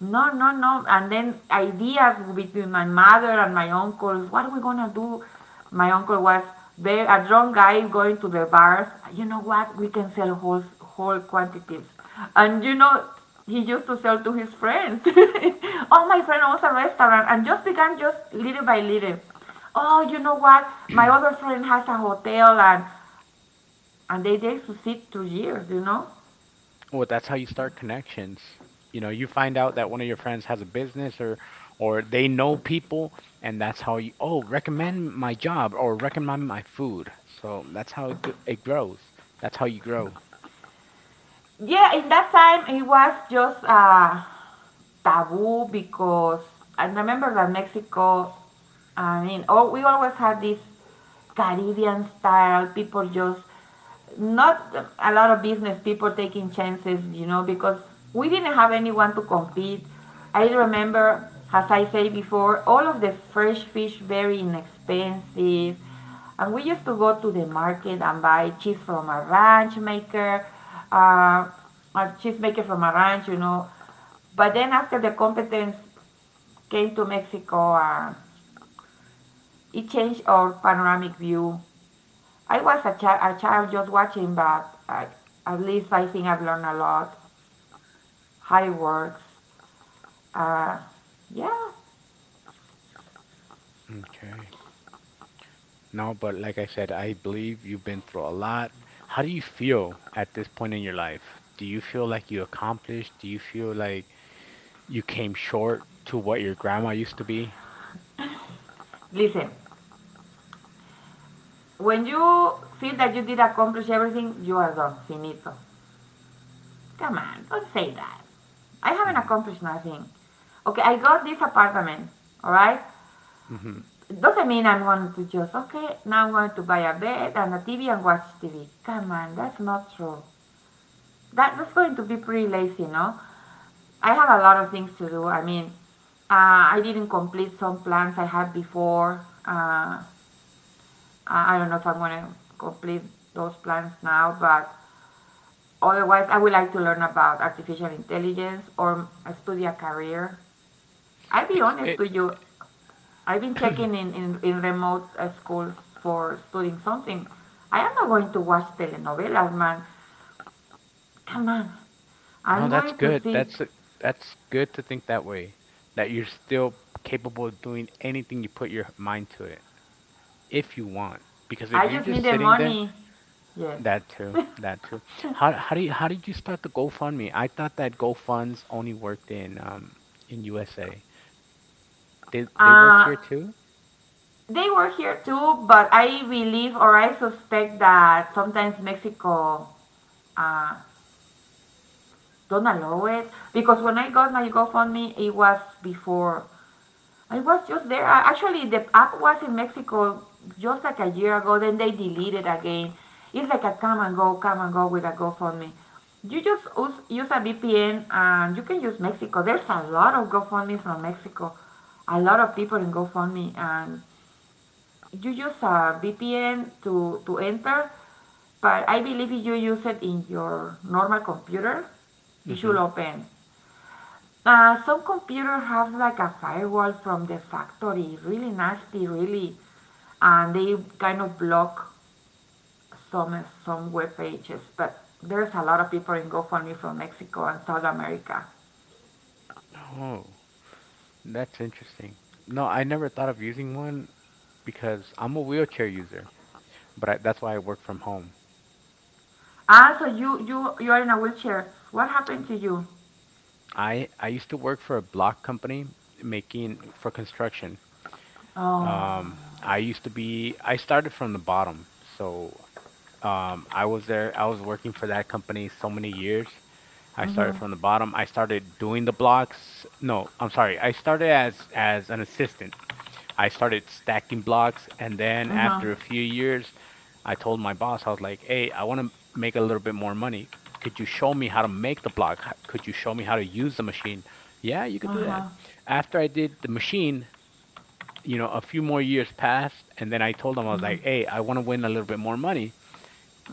No, no, no. And then ideas between my mother and my uncles. What are we gonna do? My uncle was very, a drunk guy going to the bars. You know what? We can sell whole whole quantities. And you know, he used to sell to his friends. All my friend owns a restaurant, and just began just little by little. Oh, you know what? My other friend has a hotel and and they there to sit two years, you know?
Well, that's how you start connections. You know, you find out that one of your friends has a business or or they know people and that's how you oh, recommend my job or recommend my food. So that's how it, g- it grows. That's how you grow.
Yeah, in that time it was just uh taboo because I remember that Mexico, I mean, oh, we always had this Caribbean style, people just not a lot of business people taking chances, you know, because we didn't have anyone to compete. I remember, as I say before, all of the fresh fish very inexpensive, and we used to go to the market and buy cheese from a ranch maker, uh, a cheese maker from a ranch, you know, but then after the competence came to Mexico, uh, it changed our panoramic view. I was a, chi- a child just watching, but I, at least I think I've learned a lot. How it works. Uh, yeah.
Okay. No, but like I said, I believe you've been through a lot. How do you feel at this point in your life? Do you feel like you accomplished? Do you feel like you came short to what your grandma used to be?
Listen, when you feel that you did accomplish everything, you are done. Finito. Come on, don't say that. I haven't accomplished nothing. Okay, I got this apartment, all right?
Mm-hmm.
It doesn't mean I'm going to just, okay, now I'm going to buy a bed and a T V and watch T V. Come on, that's not true. That, that's going to be pretty lazy, no? I have a lot of things to do. I mean, uh, I didn't complete some plans I had before. Uh, I don't know if I'm going to complete those plans now, but otherwise, I would like to learn about artificial intelligence or study a career. I'll be
It's
honest
it
with you, I've been checking in, in, in remote uh, schools for studying something. I am not going to watch telenovelas, man. Come on.
No,
I'm
that's
going to
good.
see.
That's that's good to think that way, that you're still capable of doing anything you put your mind to it, if you want. Because if
I
you're
just need
just
the
sitting there,
money. Yes.
that too, that too. How how do you how did you start the GoFundMe? I thought that GoFunds only worked in um in U S A. They they work here
uh,
too?
they were here too, but I believe or I suspect that sometimes Mexico uh, don't allow it because when I got my GoFundMe, it was before I was just there. I, actually, the app was in Mexico just like a year ago. Then they deleted again. It's like a come and go, come and go with a GoFundMe. You just use, use a V P N and you can use Mexico. There's a lot of GoFundMe from Mexico. A lot of people in GoFundMe, and you use a V P N to to enter. But I believe if you use it in your normal computer, it
Mm-hmm.
should open. Uh, some computers have like a firewall from the factory, really nasty, really, and they kind of block some some web pages. But there's a lot of people in GoFundMe from Mexico and South America.
Oh. That's interesting. No, I never thought of using one because I'm a wheelchair user, but I, that's why I work from home.
Ah, so you you you are in a wheelchair. What happened to you?
I I used to work for a block company making for construction.
Oh,
Um, I used to be I started from the bottom. So, um, I was there I was working for that company so many years. I started from the bottom. I started doing the blocks. No, I'm sorry. I started as as an assistant. I started stacking blocks, and then
uh huh,
after a few years I told my boss, I was like, hey, I want to make a little bit more money. Could you show me how to make the block? H- Could you show me how to use the machine? Yeah, you could
uh
do that.
huh,
After I did the machine, you know, a few more years passed, and then I told them, I was like, hey, I want to win a little bit more money.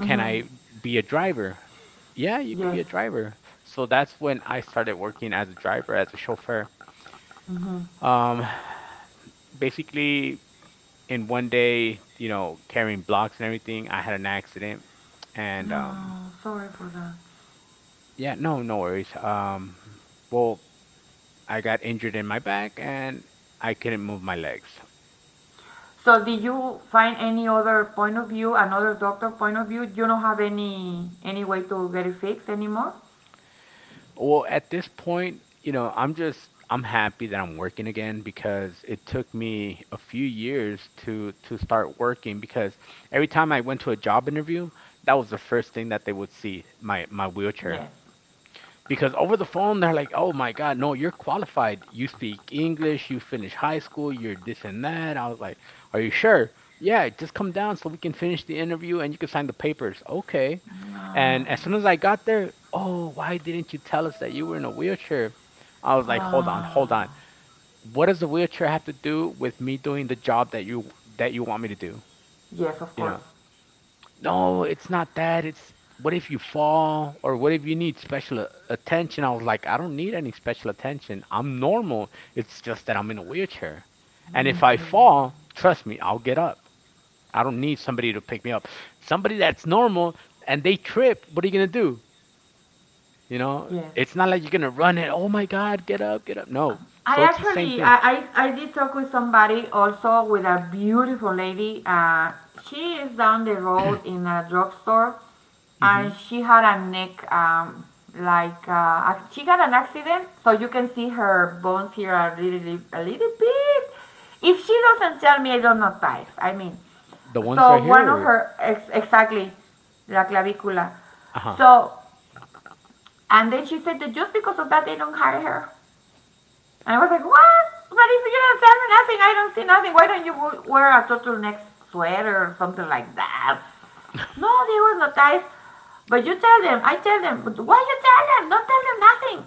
Can I be a driver? Yeah, you could be
yes,
a driver. So that's when I started working as a driver, as a chauffeur.
mhm.
Um, Basically, in one day, you know, carrying blocks and everything, I had an accident and um,
No, sorry for that.
yeah, no, no worries. Um, well, I got injured in my back, and I couldn't move my legs.
So did you find any other point of view, another doctor point of view? You don't have any any way to get it fixed anymore?
Well, at this point, you know, I'm just I'm happy that I'm working again, because it took me a few years to to start working, because every time I went to a job interview, that was the first thing that they would see, my my wheelchair.
Yes.
Because over the phone they're like, "Oh my God, no, you're qualified. You speak English. You finished high school. You're this and that." I was like, "Are you sure?" Yeah, just come down so we can finish the interview and you can sign the papers. Okay. And as
Ah.
soon as I got there, oh, why didn't you tell us that you were in a wheelchair? I was like, hold on, hold on.
Ah.
What does the wheelchair have to do with me doing the job that you that you want me to do?
Yes, of
You
course.
know? No, it's not that. It's, what if you fall, or what if you need special a- attention? I was like, I don't need any special attention. I'm normal. It's just that I'm in a wheelchair. And if I fall, trust me, I'll get up. I don't need somebody to pick me up. Somebody that's normal and they trip, what are you gonna do? You know,
Yes.
it's not like you're gonna run and, oh my God, get up, get up. No.
I
So it's the same
actually
thing.
I, I I did talk with somebody also with a beautiful lady. Uh, she is down the road in a drugstore,
Hmm.
and she had a neck um like uh, a- she got an accident, so you can see her bones here are really a little bit. If she doesn't tell me, I don't know guys. I mean,
The ones
so
right
one of
here,
her ex- exactly la clavicula.
uh huh.
So and then she said that just because of that they don't hire her. And I was like, what? But if you don't tell me nothing, I don't see nothing. Why don't you wear a turtleneck sweater or something like that? No, there was no ties. But you tell them. I tell them. But why you tell them? Don't tell them nothing.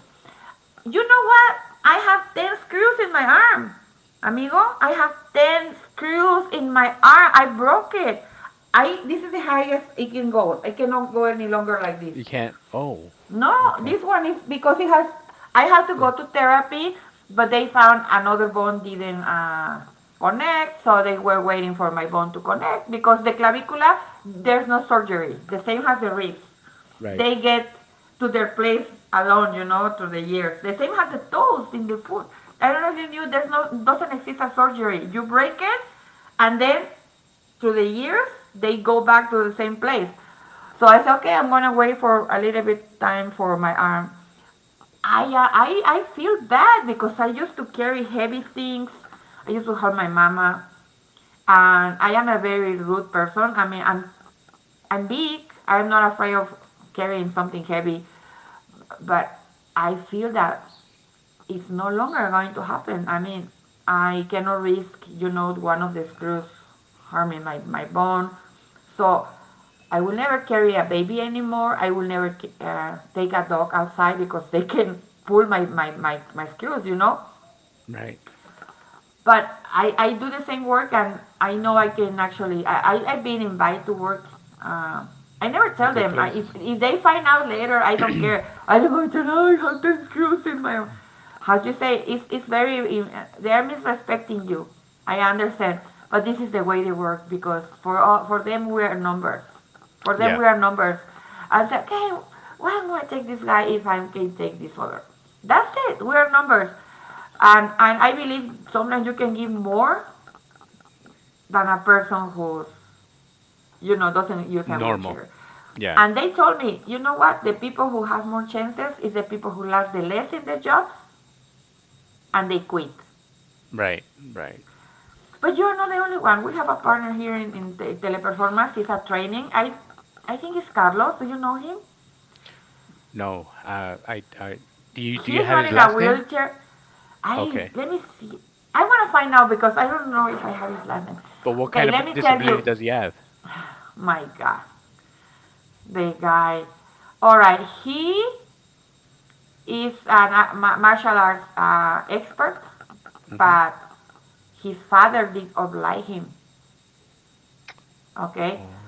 You know what? I have ten screws in my arm. Amigo, I have ten screws in my arm. I broke it. I This is the highest it can go. I cannot go any longer like this.
You can't. Oh,
No,
okay.
this one is because it has. I had to go
Eh,
to therapy, but they found another bone didn't uh, connect, so they were waiting for my bone to connect because the clavicula there's no surgery. The same as the ribs.
right,
They get to their place alone, you know, through the years. The same as the toes in the foot. I don't know if you knew there's no doesn't exist a surgery. You break it, and then to the year, they go back to the same place. So I said, okay, I'm gonna wait for a little bit time for my arm. I uh, I I feel bad because I used to carry heavy things. I used to help my mama, and I am a very rude person. I mean, I'm I'm big. I'm not afraid of carrying something heavy, but I feel that it's no longer going to happen. I mean, I cannot risk, you know, one of the screws harming my, my bone. So I will never carry a baby anymore. I will never uh, take a dog outside because they can pull my, my, my, my screws, you know.
right.
But I, I do the same work and I know I can actually, I, I, I've been invited to work. Uh, I never tell
Other
them. I,
places?
if, if they find out later, I don't care. I don't want to know I have the screws in my how do you say it's, it's very they're misrespecting you, I understand, but this is the way they work because for all, for them we are numbers, for them
Yeah,
we are numbers. I said, okay, why am I going to take this guy if I can take this other? That's it, we are numbers. And and I believe sometimes you can give more than a person who's, you know, doesn't use a
normal.
wheelchair.
Yeah,
And they told me, you know what, the people who have more chances is the people who last the less in the jobs and they quit.
right, right.
But you're not the only one. We have a partner here in, in te- Teleperformance. He's at training. I, I think it's Carlos. Do you know him?
No, uh, I, I, do you do you
He's
have
not
his
in a
last name?
wheelchair. I
Okay,
Let me see. I want to find out because I don't know if I have his last name.
but what
Okay,
kind
let
of
me tell
disability
you.
does he have?
My God, the guy. All right, he is an a ma- martial arts uh, expert,
Mm-hmm.
but his father did oblige him. Okay,
Oh,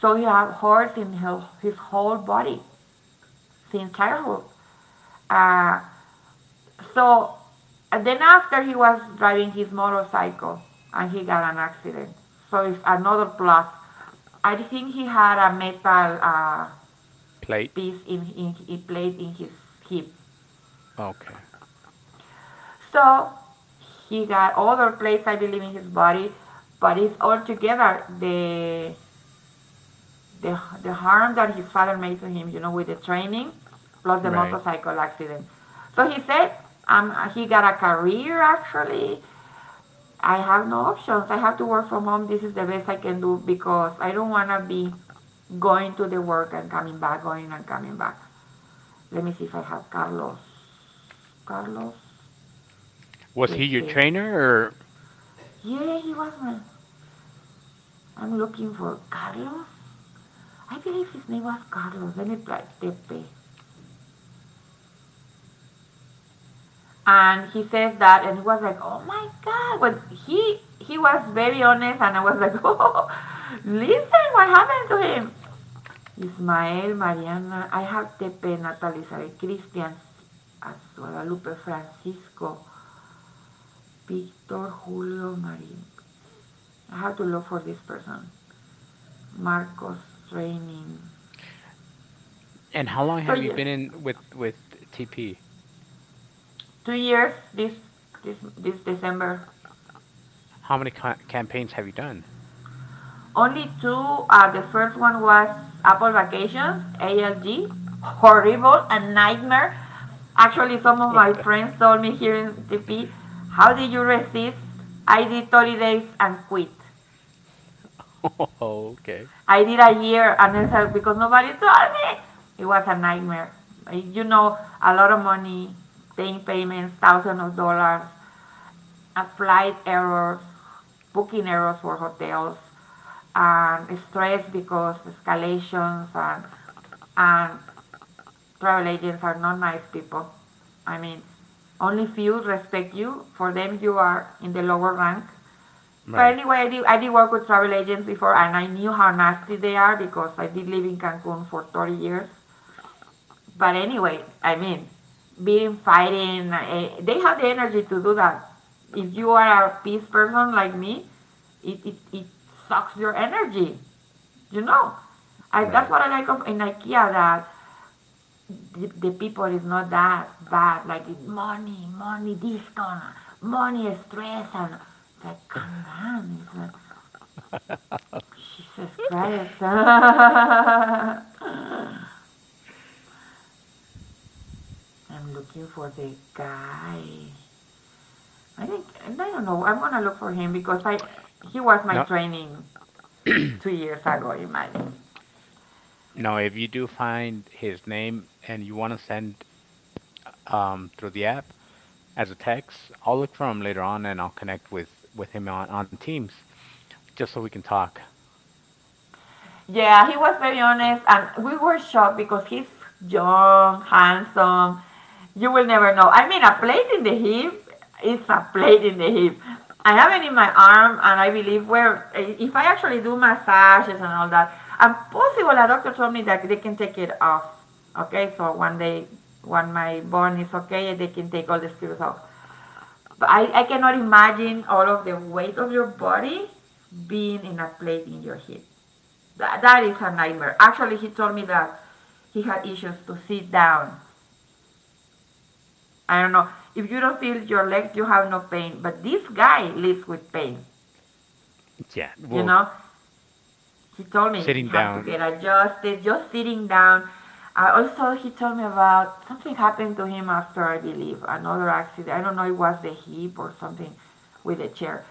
so he had horse in his, his whole body since childhood. Uh, so then after he was driving his motorcycle and he got an accident. So it's another plus. I think he had a metal uh,
plate.
piece in, in he played in his hip.
Okay,
So he got other plates, I believe, in his body. But it's altogether the the the harm that his father made to him, you know, with the training plus the
right.
motorcycle accident. So he said um, he got a career actually. I have no options. I have to work from home. This is the best I can do because I don't want to be going to the work and coming back, going and coming back. Let me see if I have Carlos. Carlos
Was he your
Pepe.
trainer, or
Yeah, he was my. I'm looking for Carlos. I believe his name was Carlos. Let me try Tepe. And he says that, and he was like, "Oh my God!" But he he was very honest, and I was like, "Oh, listen, what happened to him?" Ismael, Mariana, I have Tepe, Natalie, Sare, Cristian, as- Guadalupe, Francisco, Victor, Julio, Marie. I have to look for this person. Marcos training.
and how long
So
have you
yeah,
been in with with T P?
two years this this this December.
How many ca campaigns have you done?
Only two. Uh, the first one was Apple Vacations, A L G, horrible, a nightmare. Actually, some of my friends told me here in T P, how did you resist? I did thirty days and quit.
Oh, okay.
I did a year and it's like, because nobody told me. It was a nightmare. You know, a lot of money, paying payments, thousands of dollars, uh, flight errors, booking errors for hotels, and stress because escalations and and travel agents are not nice people. I mean, only few respect you. For them, you are in the lower rank. But
Right,
anyway, I did, I did work with travel agents before and I knew how nasty they are because I did live in Cancun for thirty years. But anyway, I mean, being fighting, eh, they have the energy to do that. If you are a peace person like me, it, it, it sucks your energy, you know. I, that's
right.
what I like of in IKEA that the, the people is not that bad. Like it's money, money discount, money stress, and it's like calm down. It's like Jesus Christ. I'm looking for the guy. I think I don't know. I'm gonna look for him because I he was my
Now,
training two years ago. In my.
now, if you do find his name and you want to send um, through the app as a text. I'll look for him later on and I'll connect with with him on on Teams, just so we can talk.
Yeah, he was very honest, and we were shocked because he's young, handsome. You will never know. I mean, a plate in the hip is a plate in the hip. I have it in my arm, and I believe where eh, if I actually do massages and all that, and possible a doctor told me that they can take it off. Okay, so one day when my bone is okay, they can take all the screws off. But I, I cannot imagine all of the weight of your body being in a plate in your hip. That, that is a nightmare. Actually, he told me that he had issues to sit down. I don't know. If you don't feel your legs, you have no pain. But this guy lives with pain,
Yeah,
you
well,
know? He told me he
sitting
had to
down.
get adjusted, just sitting down. Uh, also, he told me about something happened to him after, I believe, another accident. I don't know, it was the hip or something with the chair.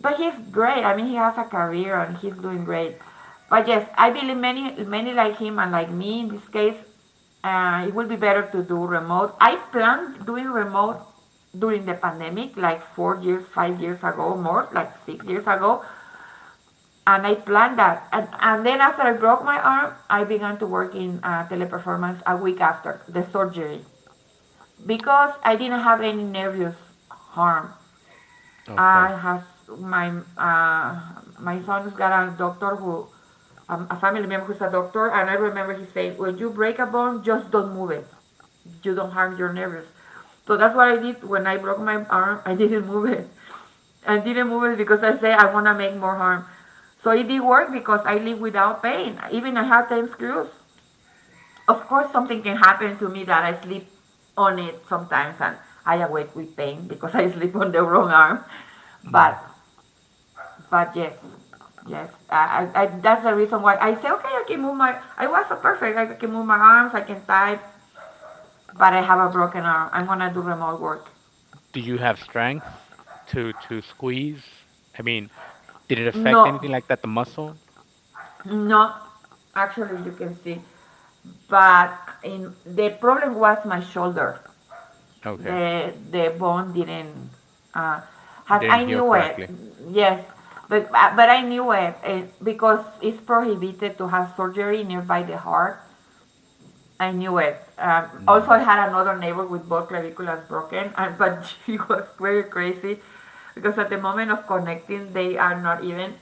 But he's great. I mean, he has a career and he's doing great. But yes, I believe many, many like him and like me in this case, uh, it will be better to do remote. I planned doing remote during the pandemic, like four years, five years ago, more like six years ago, and I planned that. And, and then after I broke my arm, I began to work in uh, teleperformance a week after the surgery because I didn't have any nervous harm.
Okay.
I have my uh, my son's got a doctor who um, a family member who's a doctor, and I remember he saying, "When you break a bone, just don't move it. You don't harm your nerves." So that's what I did when I broke my arm. I didn't move it. I didn't move it because I say I wanna make more harm. So it did work because I live without pain. Even I have ten screws. Of course, something can happen to me that I sleep on it sometimes and I awake with pain because I sleep on the wrong arm. But,
Mm.
but yes, yes. I, I, I, that's the reason why I say, okay, I can move my, I was so perfect. Like, I can move my arms, I can type, but I have a broken arm. I'm going to do remote work.
Do you have strength to to squeeze? I mean, did it affect
No,
anything like that? The muscle?
no. Actually, you can see. But in, the problem was my shoulder.
Okay,
The the bone didn't uh, has
didn't
I
heal
knew it.
correctly.
Yes, but uh, but I knew it eh, because it's prohibited to have surgery nearby the heart. I knew it. Um, also, I
Mm.
had another neighbor with both claviculas broken, and, but she was very crazy because at the moment of connecting, they are not even.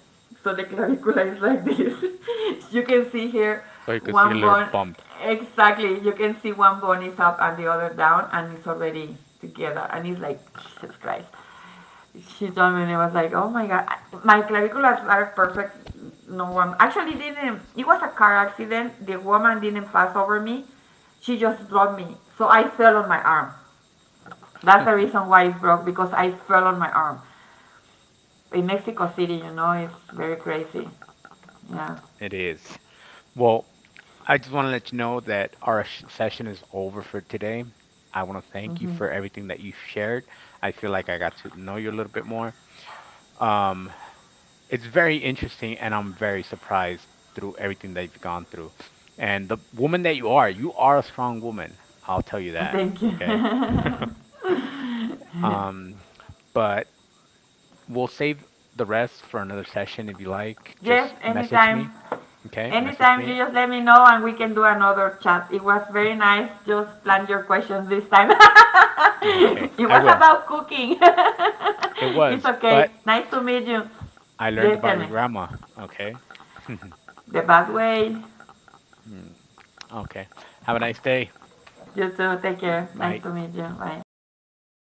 So the clavicula is like this. You can see here
So you could see a
one
little
bone.
bump.
Exactly. You can see one bone is up and the other down, and it's already together. And it's like Jesus Christ, she told me and I was like, oh my god, my claviculas are perfect. No one actually didn't. It was a car accident. The woman didn't pass over me. She just dropped me. So I fell on my arm. That's the reason why it's broke because I fell on my arm. In Mexico City, you know, it's very crazy. Yeah.
It is. Well, I just want to let you know that our sh- session is over for today. I want to thank you for everything that you shared. I feel like I got to know you a little bit more. Um, it's very interesting, and I'm very surprised through everything that you've gone through. And the woman that you are, you are a strong woman. I'll tell you that,
Thank you.
okay? Um, but we'll save the rest for another session if you like.
Yes,
Just message
anytime.
me, okay? Message
Anytime you
me.
just let me know and we can do another chat. It was very nice. Just plan your questions this time.
Okay,
It
I
was
will.
about cooking.
It
It's
was,
okay.
but
Nice to meet you.
I learned
Just tell
about
me
your grandma. Okay.
the bad way.
Mm. Okay. Have a nice day.
You too. Take care. Nice
Bye.
to meet you. Bye.